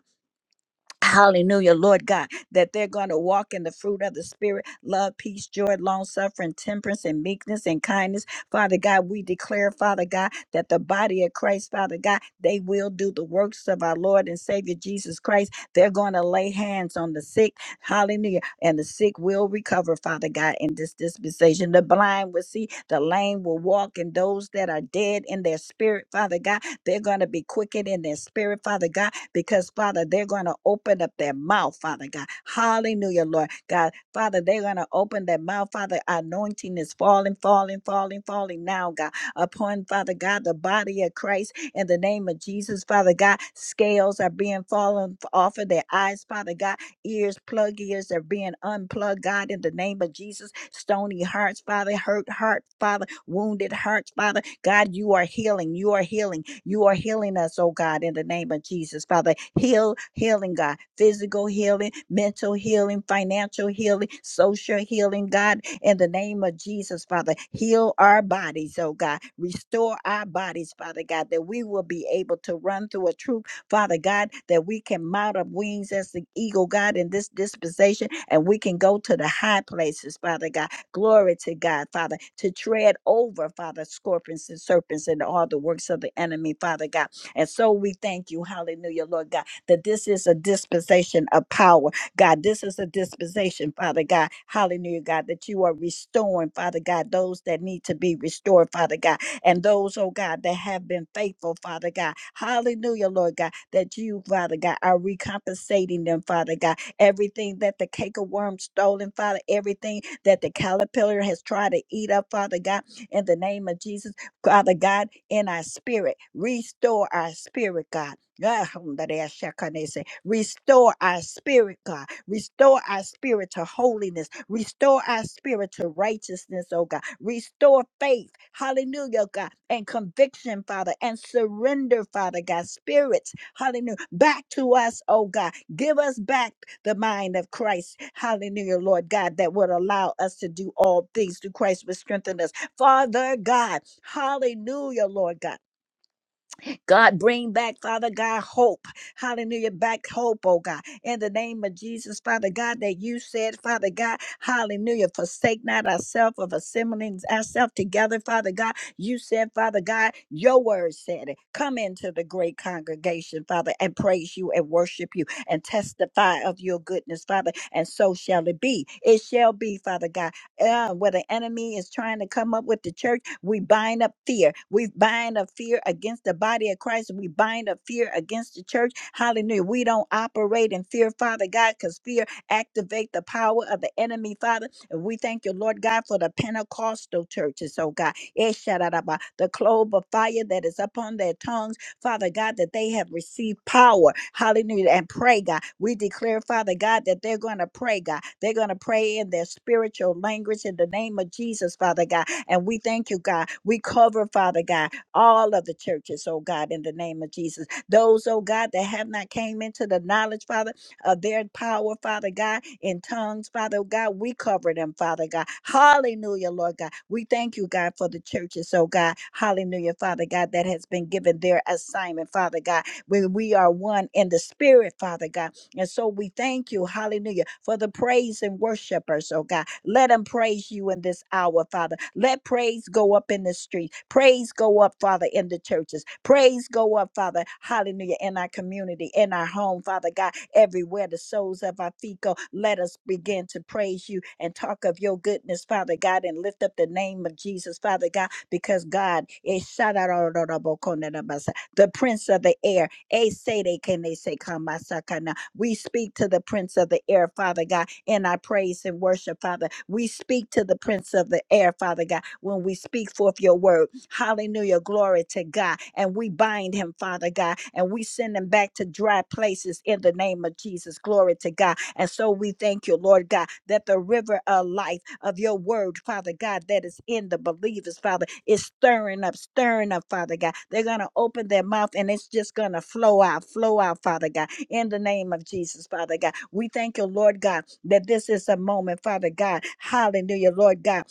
Speaker 3: Hallelujah, Lord God, that they're going to walk in the fruit of the Spirit love, peace, joy, long suffering, temperance, and meekness and kindness. Father God, we declare, Father God, that the body of Christ, Father God, they will do the works of our Lord and Savior Jesus Christ. They're going to lay hands on the sick. Hallelujah. And the sick will recover, Father God, in this dispensation. The blind will see, the lame will walk, and those that are dead in their spirit, Father God, they're going to be quickened in their spirit, Father God because, Father, they're going to open up their mouth, Father God. Hallelujah, Lord God. Father, they're going to open their mouth, Father. Anointing is falling, falling, falling, falling now, God, upon, Father God, the body of Christ in the name of Jesus, Father God. Scales are being fallen off of their eyes, Father God ears, plug ears that are being unplugged, God, in the name of Jesus. Stony hearts, Father, hurt heart, Father, wounded hearts, Father. God, you are healing. You are healing. You are healing us, oh God, in the name of Jesus, Father. Heal, healing, God. Physical healing, mental healing, financial healing, social healing, God, in the name of Jesus, Father. Heal our bodies, oh God. Restore our bodies, Father God, that we will be able to run through a troop Father God, that we can mount up wings as the eagle, God, in this dispensation, and we can go to the high places, Father God. Glory to God, Father, to tread over, Father, scorpions and serpents and all the works of the enemy, Father God. And so we thank you, hallelujah, Lord God, that this is a dispensation of power, God. This is a dispensation, Father God, hallelujah, God, that you are restoring, Father God, those that need to be restored, Father God and those, oh God, that have been faithful, Father God. Hallelujah, Lord God, that you, Father God, are recompensating them, Father God. Everything that the cake of worm stolen, Father, everything that the caterpillar has tried to eat up, Father God, in the name of Jesus, Father God, in our spirit, restore our spirit, God Ah, Hundareashakanese. Restore our spirit, God. Restore our spirit to holiness. Restore our spirit to righteousness, oh God. Restore faith. Hallelujah, God. And conviction, Father. And surrender, Father God. Spirits, hallelujah. Back to us, oh God. Give us back the mind of Christ. Hallelujah, Lord God, that would allow us to do all things through Christ, would strengthen us. Father God, hallelujah, Lord God. God, bring back, Father God, hope. Hallelujah. Back hope, oh God. In the name of Jesus, Father God, that you said, Father God, hallelujah. Forsake not ourselves of assembling ourselves together, Father God. You said, Father God, your word said it. Come into the great congregation, Father, and praise you and worship you and testify of your goodness, Father. And so shall it be. It shall be, Father God. Uh, where the enemy is trying to come up with the church we bind up fear. We bind up fear against the body of Christ. We bind up fear against the church. Hallelujah. We don't operate in fear, Father God, because fear activate the power of the enemy, Father. And we thank you, Lord God, for the Pentecostal churches, oh God. Esharabba, The clove of fire that is upon their tongues Father God, that they have received power. Hallelujah. And pray, God. We declare, Father God, that they're going to pray, God. They're going to pray in their spiritual language in the name of Jesus, Father God. And we thank you, God. We cover, Father God, all of the churches, oh God, in the name of Jesus. Those, oh God, that have not came into the knowledge, Father uh, their power, Father God, in tongues, Father God. We cover them, Father God. Hallelujah, Lord God. We thank you, God, for the churches, oh God. Hallelujah, Father God, that has been given their assignment, Father God. When we are one in the spirit, Father God. And so we thank you, hallelujah, for the praise and worshipers, oh God. Let them praise you in this hour, Father. Let praise go up in the street. Praise go up, Father, in the churches. Praise go up, Father, hallelujah, in our community, in our home, Father God, everywhere the soles of our feet go. Let us begin to praise you and talk of your goodness, Father God, and lift up the name of Jesus, Father God, because God is the Prince of the Air. They say they can they say "Kamasakana." We speak to the Prince of the Air, Father God, in our praise and worship, Father. We speak to the Prince of the Air, Father God, when we speak forth your word. Hallelujah. Glory to God. And we bind him, Father God, and we send him back to dry places in the name of Jesus. Glory to God. And so we thank you, Lord God, that the river of life of your word, Father God, that is in the believers, Father, is stirring up, stirring up, Father God. They're going to open their mouth and it's just going to flow out, flow out, Father God in the name of Jesus, Father God. We thank you, Lord God, that this is a moment, Father God. Hallelujah, Lord God,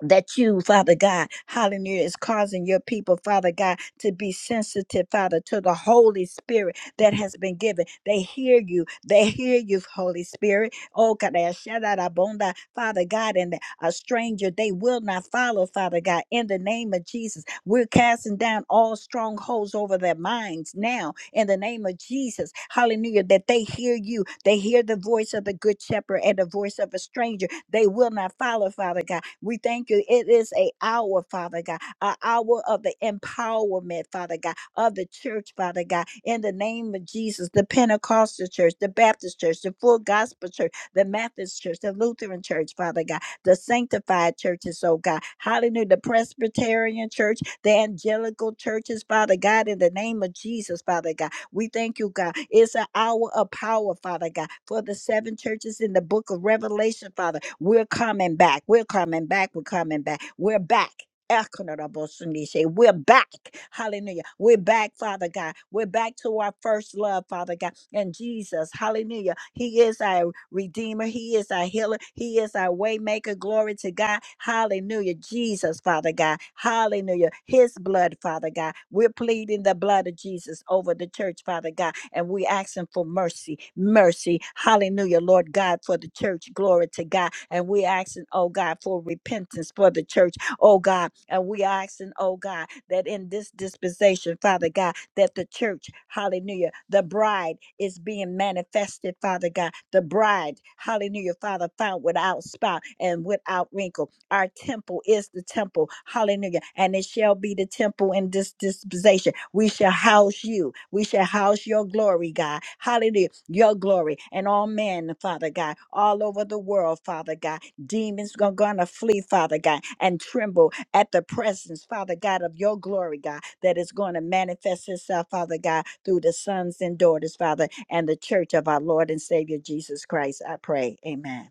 Speaker 3: that you, Father God, hallelujah, is causing your people, Father God, to be sensitive, Father, to the Holy Spirit that has been given. They hear you. They hear you, Holy Spirit. Oh, Kadashadarabonda, Father God, and a stranger they will not follow, Father God, in the name of Jesus. We're casting down all strongholds over their minds now in the name of Jesus. Hallelujah. That they hear you. They hear the voice of the good shepherd and the voice of a stranger. They will not follow, Father God. We thank you. It is a hour, Father God, an hour of the empowerment, Father God, of the church, Father God, in the name of Jesus, the Pentecostal church, the Baptist church, the full gospel church, the Methodist church, the Lutheran church, Father God, the sanctified churches, oh God. Hallelujah. The Presbyterian church the angelical churches, Father God, in the name of Jesus, Father God. We thank you, God. It's an hour of power, Father God, for the seven churches in the book of Revelation, Father. We're coming back. We're coming back. We're coming back. We're back. Ekanarabosundise. We're back. Hallelujah. We're back, Father God. We're back to our first love, Father God. And Jesus, hallelujah. He is our redeemer. He is our healer. He is our waymaker. Glory to God. Hallelujah. Jesus, Father God. Hallelujah. His blood, Father God. We're pleading the blood of Jesus over the church, Father God. And we asking for mercy. Mercy. Hallelujah, Lord God, for the church. Glory to God. And we asking, oh God, for repentance for the church oh God. And we are asking, oh God, that in this dispensation, Father God, that the church, hallelujah, the bride is being manifested, Father God. The bride, hallelujah, Father, found without spot and without wrinkle. Our temple is the temple, hallelujah, and it shall be the temple in this dispensation. We shall house you. We shall house your glory, God. Hallelujah, your glory and all men, Father God, all over the world, Father God demons are going to flee, Father God, and tremble at the presence, Father God, of your glory, God, that is going to manifest itself, Father God, through the sons and daughters, Father, and the church of our Lord and Savior Jesus Christ. I pray. Amen.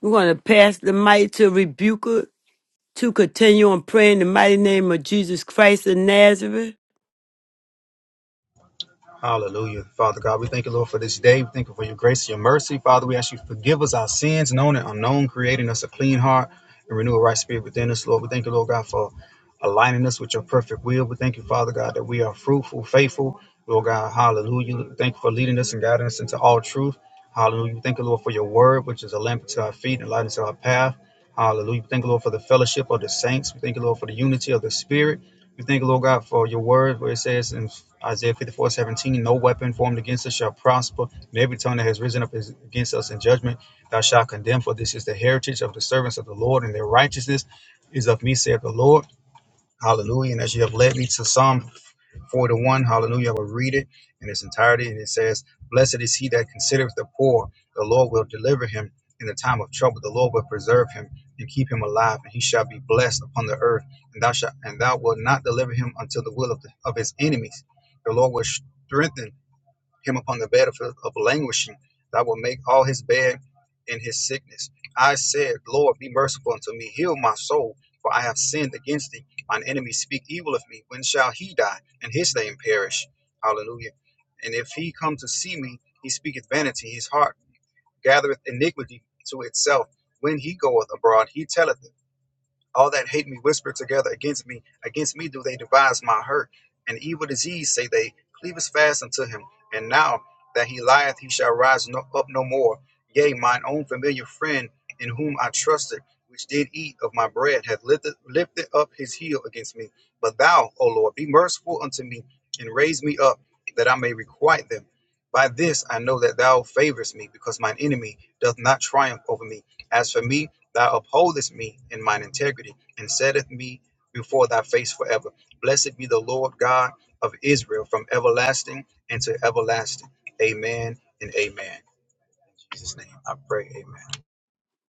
Speaker 1: We're going to pass the mic to Rebuker to continue on praying in the mighty name of Jesus Christ of Nazareth.
Speaker 4: Hallelujah. Father God, we thank you, Lord, for this day. We thank you for your grace and your mercy. Father, we ask you to forgive us our sins, known and unknown, creating us a clean heart and renew a right spirit within us, Lord. We thank you, Lord God, for aligning us with your perfect will. We thank you, Father God, that we are fruitful, faithful. Lord God, hallelujah. We Thank you for leading us and guiding us into all truth. Hallelujah. We thank you, Lord, for your word, which is a lamp to our feet and a light into our path. Hallelujah. We thank you, Lord, for the fellowship of the saints. We thank you, Lord, for the unity of the spirit. We thank you, Lord God, for your word, where it says in Isaiah 54 17. no weapon formed against us shall prosper, and every tongue that has risen up is against us in judgment, thou shalt condemn, for this is the heritage of the servants of the Lord, and their righteousness is of me, saith the Lord. Hallelujah. And as you have led me to Psalm 41, hallelujah, I will read it in its entirety. And it says, Blessed is he that considereth the poor. The Lord will deliver him in the time of trouble. The Lord will preserve him and keep him alive, and he shall be blessed upon the earth. And thou shalt, and thou wilt not deliver him unto the will of, the, of his enemies. The Lord will strengthen him upon the bed of, of languishing. Thou will make all his bed in his sickness. I said, Lord, be merciful unto me. Heal my soul, for I have sinned against thee. Mine enemies speak evil of me. When shall he die and his name perish? Hallelujah. And if he come to see me, he speaketh vanity. His heart gathereth iniquity to itself. When he goeth abroad, he telleth it. All that hate me whisper together against me. Against me do they devise my hurt. And evil disease, say they, cleaveth fast unto him. And now that he lieth, he shall rise no, up no more. Yea, mine own familiar friend, in whom I trusted, which did eat of my bread, hath lifted, lifted up his heel against me. But thou, O Lord, be merciful unto me, and raise me up, that I may requite them. By this I know that thou favorest me, because mine enemy doth not triumph over me. As for me, Thou upholdest me in mine integrity, and setteth me before thy face forever. Blessed be the Lord God of Israel from everlasting and to everlasting. Amen and amen. In Jesus' name I pray. Amen.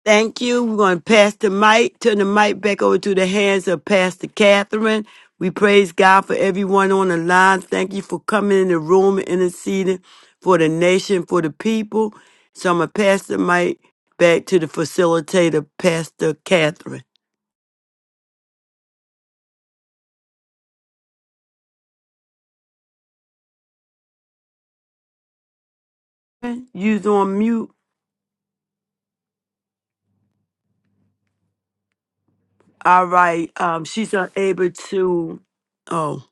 Speaker 1: Thank you. We're going to pass the mic, turn the mic back over to the hands of Pastor Catherine. We praise God for everyone on the line. Thank you for coming in the room and interceding for the nation, for the people. So I'm going to pass the mic back to the facilitator, Pastor Catherine. You're on mute. All right. Um, she's unable to. Oh,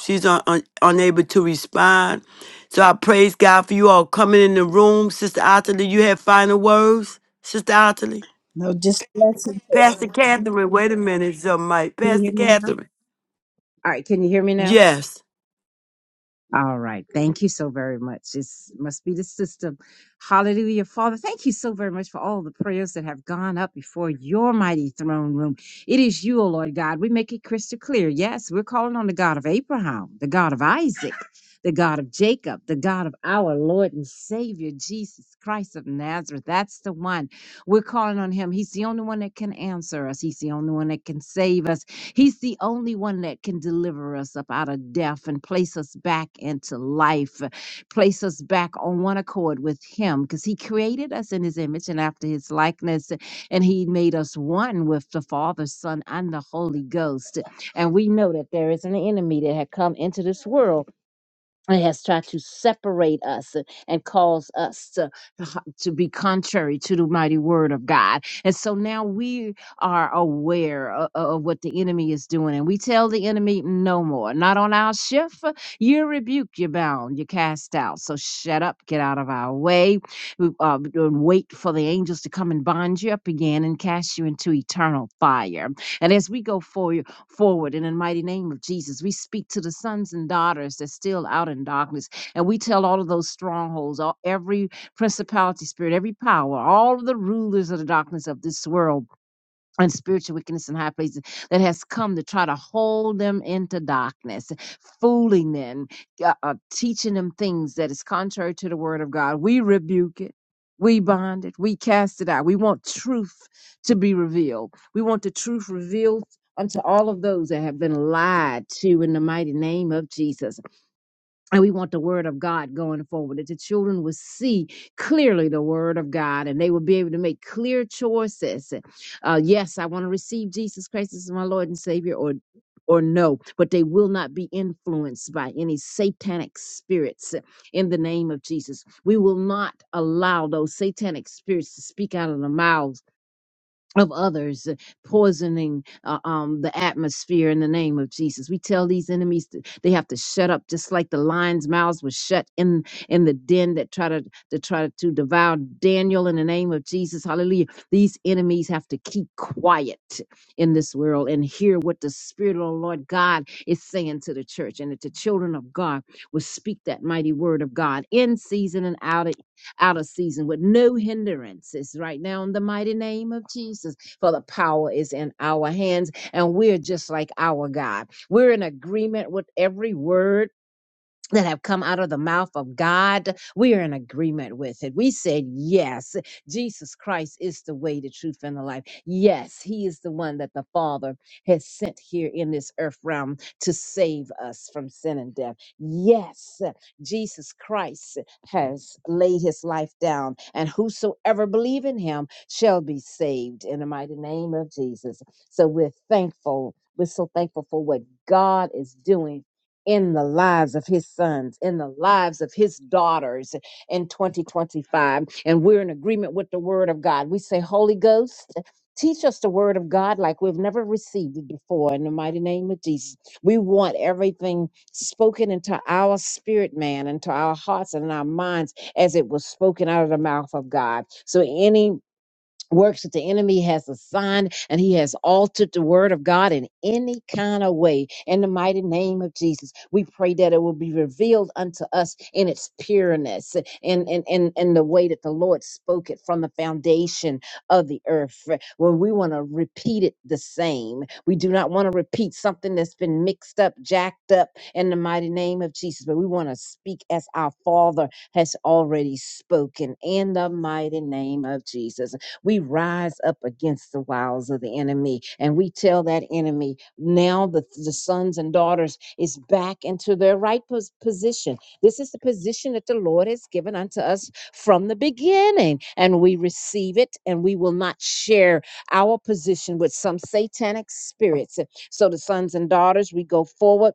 Speaker 1: she's un, un- unable to respond. So I praise God for you all coming in the room, Sister Ottilie. You have final words, Sister Ottilie.
Speaker 3: No, just blessings to
Speaker 1: Pastor Catherine, wait a minute, some mic.
Speaker 5: Can
Speaker 1: Pastor
Speaker 5: you hear me now?
Speaker 1: Catherine.
Speaker 5: All right, can you hear me now?
Speaker 1: Yes.
Speaker 5: All right, thank you so very much. It must be the system. Hallelujah, Father. Thank you so very much for all the prayers that have gone up before your mighty throne room. It is you, O Lord God. We make it crystal clear. Yes, we're calling on the God of Abraham, the God of Isaac, the God of Jacob, the God of our Lord and Savior, Jesus Christ of Nazareth. That's the one. We're calling on him. He's the only one that can answer us, He's the only one that can save us. He's the only one that can deliver us up out of death and place us back into life, uh, place us back on one accord with Him, because He created us in His image and after His likeness, and He made us one with the Father, Son, and the Holy Ghost. And we know that there is an enemy that had come into this world it has tried to separate us and and cause us to, to be contrary to the mighty word of God. And so now we are aware of, of what the enemy is doing, and we tell the enemy, No more, not on our shift. You're rebuked, you're bound, you're cast out. So shut up, get out of our way, We uh, and wait for the angels to come and bind you up again and cast you into eternal fire. And as we go forward forward. in the mighty name of Jesus, we speak to the sons and daughters that's still out in darkness. And we tell all of those strongholds, all, every principality spirit, every power, all of the rulers of the darkness of this world and spiritual wickedness in high places that has come to try to hold them into darkness, fooling them, uh, uh, teaching them things that is contrary to the word of God. We rebuke it. We bind it. We cast it out. We want truth to be revealed. We want the truth revealed unto all of those that have been lied to in the mighty name of Jesus. And we want the word of God going forward, that the children will see clearly the word of God and they will be able to make clear choices. Uh, yes, I want to receive Jesus Christ as my Lord and Savior, or or no, but they will not be influenced by any satanic spirits in the name of Jesus. We will not allow those satanic spirits to speak out of the mouths of others uh, poisoning uh, um, the atmosphere in the name of jesus we tell these enemies to, they have to shut up just like the lions mouths were shut in in the den that try to, to try to devour daniel in the name of jesus hallelujah these enemies have to keep quiet in this world and hear what the spirit of the lord god is saying to the church and that the children of god will speak that mighty word of god in season and out of out of season with no hindrances right now in the mighty name of Jesus. For the power is in our hands, and we're just like our God. We're in agreement with every word that have come out of the mouth of God, we are in agreement with it. We said, yes, Jesus Christ is the way, the truth, and the life. Yes, He is the one that the Father has sent here in this earth realm to save us from sin and death. Yes, Jesus Christ has laid His life down, and whosoever believe in Him shall be saved in the mighty name of Jesus. So we're thankful. We're so thankful for what God is doing in the lives of his sons, in the lives of his daughters in 2025. And we're in agreement with the word of God. We say, Holy Ghost, teach us the word of God like we've never received it before in the mighty name of Jesus. We want everything spoken into our spirit, man, into our hearts and our minds as it was spoken out of the mouth of God. So any works that the enemy has assigned and he has altered the word of God in any kind of way. In the mighty name of Jesus, we pray that it will be revealed unto us in its pureness and in, in, in the way that the Lord spoke it from the foundation of the earth. When we want to repeat it the same, we do not want to repeat something that's been mixed up, jacked up in the mighty name of Jesus, but we want to speak as our Father has already spoken in the mighty name of Jesus. We rise up against the wiles of the enemy and we tell that enemy now the, the sons and daughters is back into their right pos- position. This is the position that the Lord has given unto us from the beginning, and we receive it and we will not share our position with some satanic spirits. So, the sons and daughters, we go forward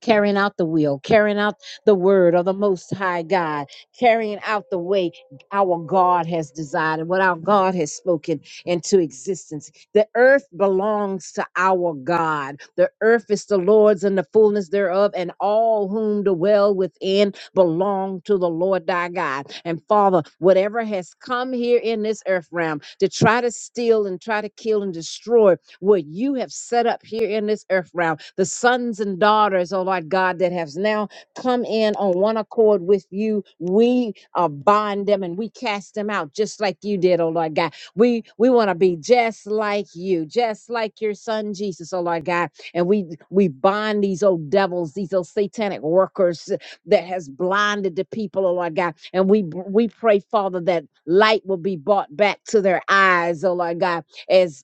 Speaker 5: carrying out the will, carrying out the word of the Most High God, carrying out the way our God has desired, and what our God has spoken into existence. The earth belongs to our God. The earth is the Lord's and the fullness thereof, and all whom dwell within belong to the Lord thy God. And Father, whatever has come here in this earth realm to try to steal and try to kill and destroy what you have set up here in this earth realm. The sons and daughters, oh Lord God, that has now come in on one accord with you. We uh, bind them and we cast them out just like you did, oh Lord God. We we want to be just like you, just like your son Jesus, oh Lord God. And we we bind these old devils, these old satanic workers that has blinded the people, oh Lord God. And we we pray, Father, that light will be brought back to their eyes, oh Lord God, as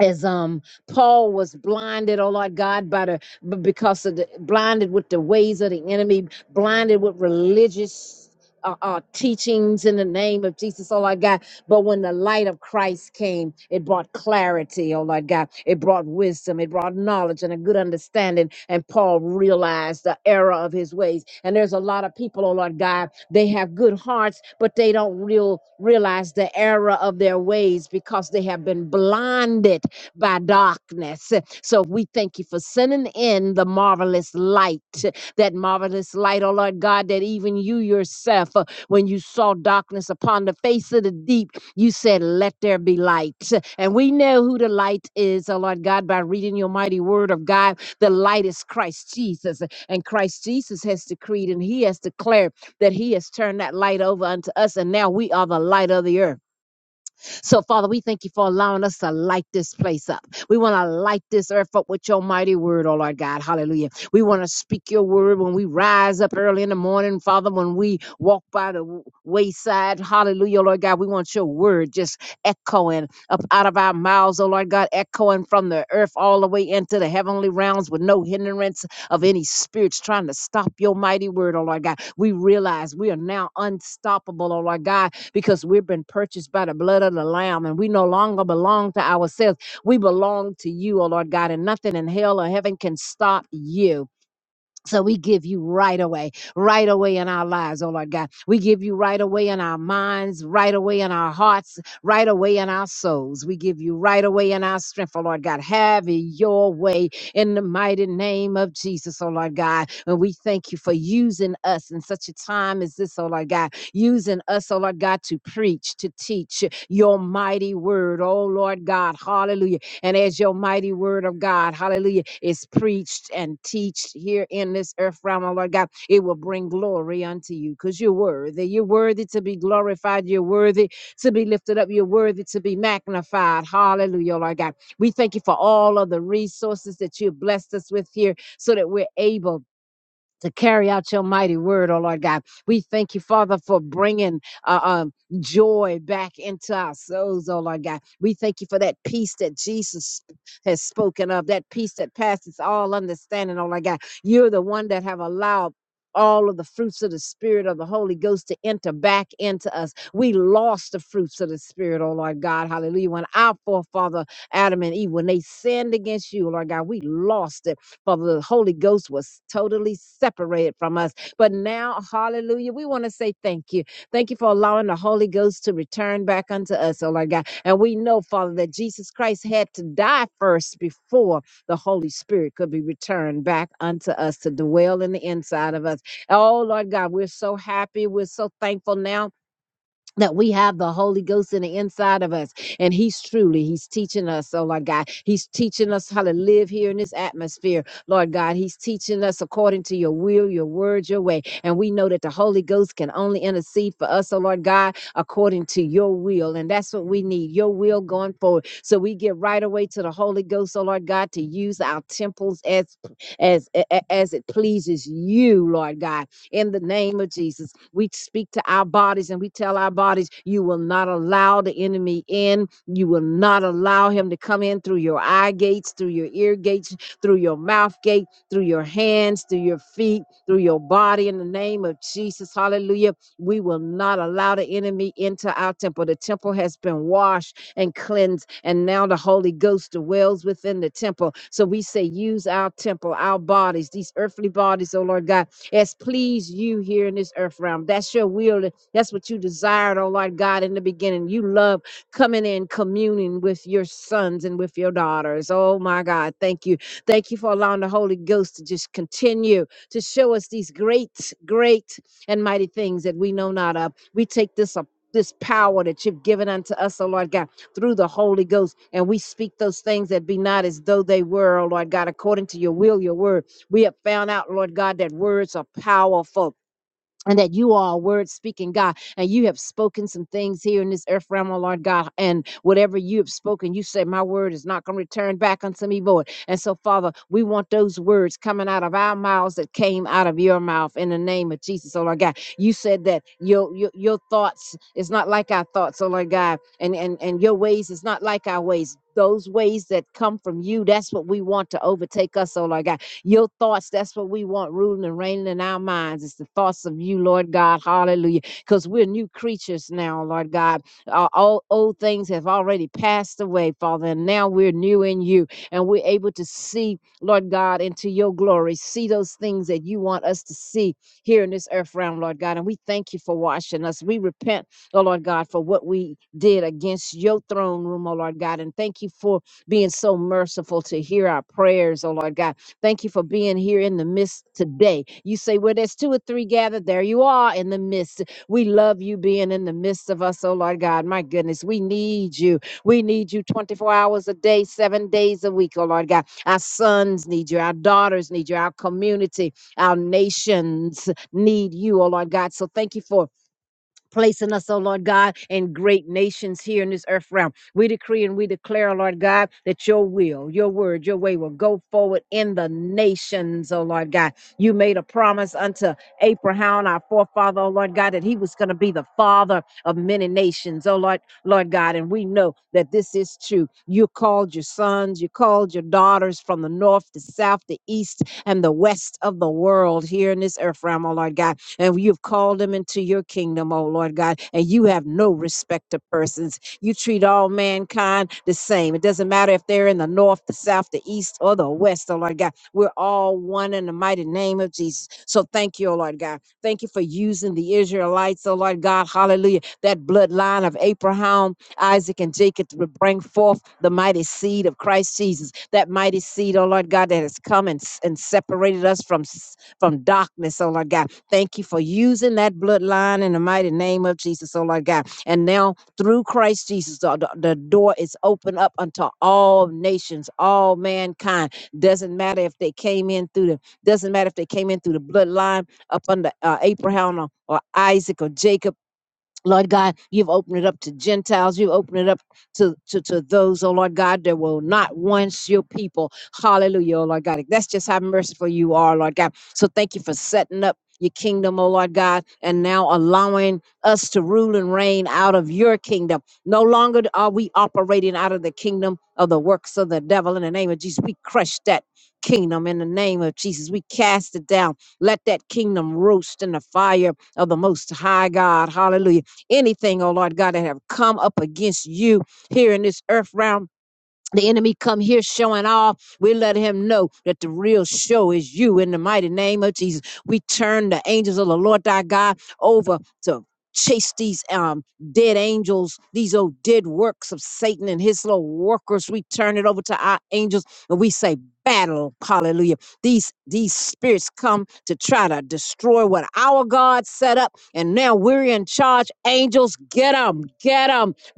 Speaker 5: as um Paul was blinded, oh Lord God, by the b- because of the blinded with the ways of the enemy, blinded with religious uh, uh, teachings in the name of Jesus, oh Lord God. But when the light of Christ came, it brought clarity, oh Lord God. It brought wisdom, it brought knowledge and a good understanding. And Paul realized the error of his ways. And there's a lot of people, oh Lord God, they have good hearts, but they don't real realize the error of their ways because they have been blinded by darkness. So we thank you for sending in the marvelous light, that marvelous light, oh Lord God, that even you yourself, uh, when you saw darkness upon the face of the deep, you said, Let there be light. And we know who the light is, oh Lord God, by reading your mighty word of God. The light is Christ Jesus. And Christ Jesus has decreed and he has declared that he has turned that light over unto us. And now we are the light of the earth. So, Father, we thank you for allowing us to light this place up. We want to light this earth up with your mighty word, oh Lord God. Hallelujah. We want to speak your word when we rise up early in the morning, Father, when we walk by the w- wayside. Hallelujah, Lord God. We want your word just echoing up out of our mouths, oh Lord God, echoing from the earth all the way into the heavenly realms with no hindrance of any spirits trying to stop your mighty word, oh Lord God. We realize we are now unstoppable, oh Lord God because we've been purchased by the blood of the Lamb and we no longer belong to ourselves. We belong to you, O Lord God, and nothing in hell or heaven can stop you. So we give you right away, right away in our lives, oh Lord God. We give you right away in our minds, right away in our hearts, right away in our souls. We give you right away in our strength, oh Lord God. Have your way in the mighty name of Jesus, oh Lord God. And we thank you for using us in such a time as this, oh Lord God. Using us, oh Lord God, to preach, to teach your mighty word, oh Lord God. Hallelujah and as your mighty word of God, hallelujah, is preached and teached here in this earth realm, oh Lord God, it will bring glory unto you because you're worthy. You're worthy to be glorified. You're worthy to be lifted up. You're worthy to be magnified. Hallelujah, oh Lord God. We thank you for all of the resources that you have blessed us with here so that we're able to carry out your mighty word, oh Lord God. We thank you, Father, for bringing uh, um, joy back into our souls, oh Lord God. We thank you for that peace that Jesus has spoken of, that peace that passes all understanding, oh Lord God. You're the one that have allowed all of the fruits of the spirit of the holy ghost to enter back into us we lost the fruits of the spirit oh lord god hallelujah when our forefather adam and eve when they sinned against you lord god we lost it for the Holy Ghost was totally separated from us. But now, hallelujah, we want to say thank you. Thank you for allowing the Holy Ghost to return back unto us, oh Lord God. And we know, Father, that Jesus Christ had to die first before the Holy Spirit could be returned back unto us to dwell in the inside of us. Oh Lord God, we're so happy. We're so thankful now that we have the Holy Ghost in the inside of us. And He's truly, He's teaching us, oh Lord God. He's teaching us how to live here in this atmosphere, Lord God. He's teaching us according to your will, your word, your way. And we know that the Holy Ghost can only intercede for us, oh Lord God, according to your will. And that's what we need, your will going forward. So we get right away to the Holy Ghost, oh Lord God, to use our temples as as as it pleases you, Lord God in the name of Jesus. We speak to our bodies and we tell our bodies, you will not allow the enemy in. You will not allow him to come in through your eye gates, through your ear gates, through your mouth gate, through your hands, through your feet, through your body in the name of Jesus. Hallelujah. We will not allow the enemy into our temple. The temple has been washed and cleansed, and now the Holy Ghost dwells within the temple. So we say, use our temple, our bodies, these earthly bodies, oh Lord God as please you here in this earth realm. That's your will. That's what you desired, oh Lord God, in the beginning. You love coming in communing with your sons and with your daughters. Oh my God, thank you. Thank you for allowing the Holy Ghost to just continue to show us these great, great and mighty things that we know not of. We take this up. This power that you've given unto us, oh Lord God, through the Holy Ghost. And we speak those things that be not as though they were, oh Lord God, according to your will, your word. We have found out, Lord God, that words are powerful. And that you are a word speaking God, and you have spoken some things here in this earth realm, oh Lord God. And whatever you have spoken, you said, My word is not going to return back unto me void. And so, Father, we want those words coming out of our mouths that came out of your mouth in the name of Jesus, oh Lord God. You said that your your, your thoughts is not like our thoughts, oh Lord God, and, and, and your ways is not like our ways. Those ways that come from you, that's what we want to overtake us, oh Lord God. Your thoughts, that's what we want ruling and reigning in our minds. It's the thoughts of you, Lord God. Hallelujah. Because we're new creatures now, Lord God. Uh, all old things have already passed away, Father, and now we're new in you. And we're able to see, Lord God, into your glory, see those things that you want us to see here in this earth realm, Lord God. And we thank you for washing us. We repent oh Lord God, for what we did against your throne room, oh Lord God. And thank you for being so merciful to hear our prayers, oh Lord God. Thank you for being here in the midst today. You say, Where there's two or three gathered, there you are in the midst. We love you being in the midst of us, oh Lord God. My goodness, we need you. We need you 24 hours a day, seven days a week, oh Lord God. Our sons need you, our daughters need you, our community, our nations need you, oh Lord God. So thank you for placing us, oh Lord God, in great nations here in this earth realm. We decree and we declare, oh Lord God, that your will, your word, your way will go forward in the nations, oh Lord God. You made a promise unto Abraham, our forefather, oh Lord God, that he was going to be the father of many nations, oh Lord, Lord God. And we know that this is true. You called your sons, you called your daughters from the north, the south, the east, and the west of the world here in this earth realm, oh Lord God and you've called them into your kingdom, oh Lord God, and you have no respect of persons. You treat all mankind the same. It doesn't matter if they're in the north, the south, the east, or the west, oh Lord God. We're all one in the mighty name of Jesus. So thank you, oh Lord God. Thank you for using the Israelites, oh Lord God. Hallelujah. That bloodline of Abraham, Isaac, and Jacob to bring forth the mighty seed of Christ Jesus. That mighty seed, oh Lord God, that has come and, s- and separated us from, s- from darkness, oh Lord God Thank you for using that bloodline in the mighty name of Jesus, oh Lord God. And now through Christ Jesus, the, the the door is open up unto all nations, all mankind. Doesn't matter if they came in through the, doesn't matter if they came in through the bloodline up under uh, Abraham or, or Isaac or Jacob Lord God, you've opened it up to Gentiles. You've opened it up to, to, to those, oh Lord God, that will not once your people. Hallelujah, oh Lord God. That's just how merciful you are, Lord God. So thank you for setting up your kingdom, oh Lord God, and now allowing us to rule and reign out of your kingdom. No longer are we operating out of the kingdom of the works of the devil. In the name of Jesus, we crush that kingdom in the name of Jesus. We cast it down. Let that kingdom roast in the fire of the Most High God. Hallelujah anything, oh Lord God, that have come up against you here in this earth realm the enemy come here showing off, we let him know that the real show is you in the mighty name of Jesus. We turn the angels of the Lord thy God over to chase these um dead angels, these old dead works of Satan and his little workers. We turn it over to our angels and we say battle, hallelujah. These these spirits come to try to destroy what our God set up and now we're in charge. Angels, get them,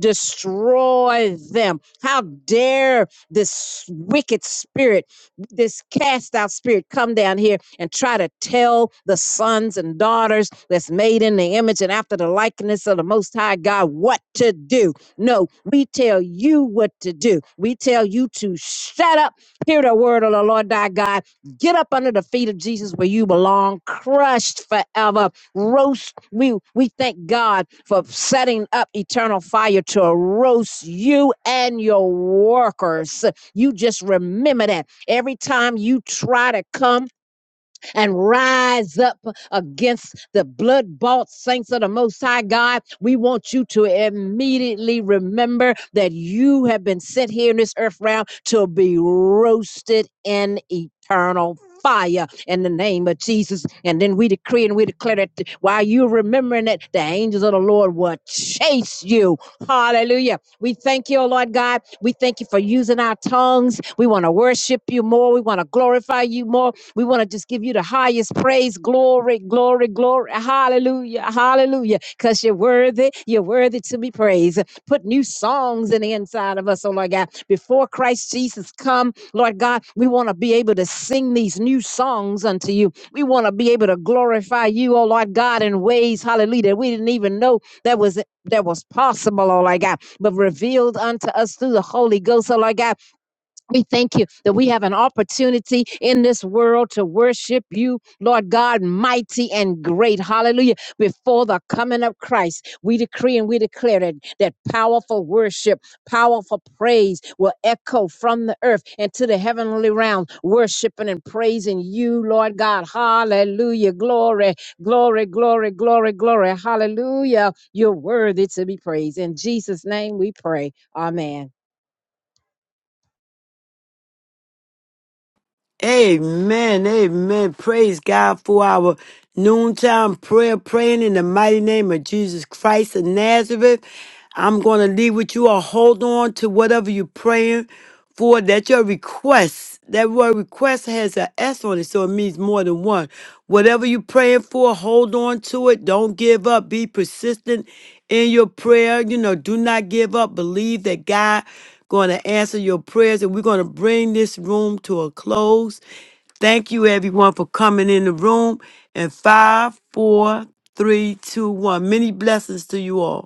Speaker 5: Destroy them. How dare this wicked spirit, this cast out spirit, come down here and try to tell the sons and daughters that's made in the image and after the likeness of the Most High God what to do? No, we tell you what to do. We tell you to shut up, hear the word of the Lord thy God, get up under the feet of Jesus where you belong, crushed forever roast. We we thank God for setting up eternal fire to roast you and your workers. You just remember that every time you try to come and rise up against the blood bought saints of the Most High God. We want you to immediately remember that you have been set here in this earth realm to be roasted in eternal fire in the name of Jesus. And then we decree and we declare that th- while you're remembering it, the angels of the Lord will chase you. Hallelujah. We thank you, oh Lord God. We thank you for using our tongues. We want to worship you more. We want to glorify you more. We want to just give you the highest praise, glory, glory, glory. Hallelujah, hallelujah. Because you're worthy, you're worthy to be praised. Put new songs in the inside of us, oh Lord God. Before Christ Jesus come, Lord God, we want to be able to sing these new songs unto you. We want to be able to glorify you, oh Lord God, in ways, hallelujah, that we didn't even know that was that was possible, oh Lord God, but revealed unto us through the Holy Ghost, oh Lord God. We thank you that we have an opportunity in this world to worship you, Lord God, mighty and great. Hallelujah. Before the coming of Christ, we decree and we declare that, that powerful worship, powerful praise will echo from the earth into the heavenly realm, worshiping and praising you, Lord God. Hallelujah. Glory, glory, glory, glory, glory. Hallelujah. You're worthy to be praised. In Jesus' name we pray. Amen.
Speaker 1: Amen. Amen. Praise God for our noontime prayer, praying in the mighty name of Jesus Christ of Nazareth. I'm going to leave with you all. Hold on to whatever you're praying for. That your request, that word request has an S on it, so it means more than one. Whatever you're praying for, hold on to it. Don't give up. Be persistent in your prayer. You know, do not give up. Believe that God going to answer your prayers, and we're going to bring this room to a close. Thank you, everyone, for coming in the room. And five, four, three, two, one. Many blessings to you all.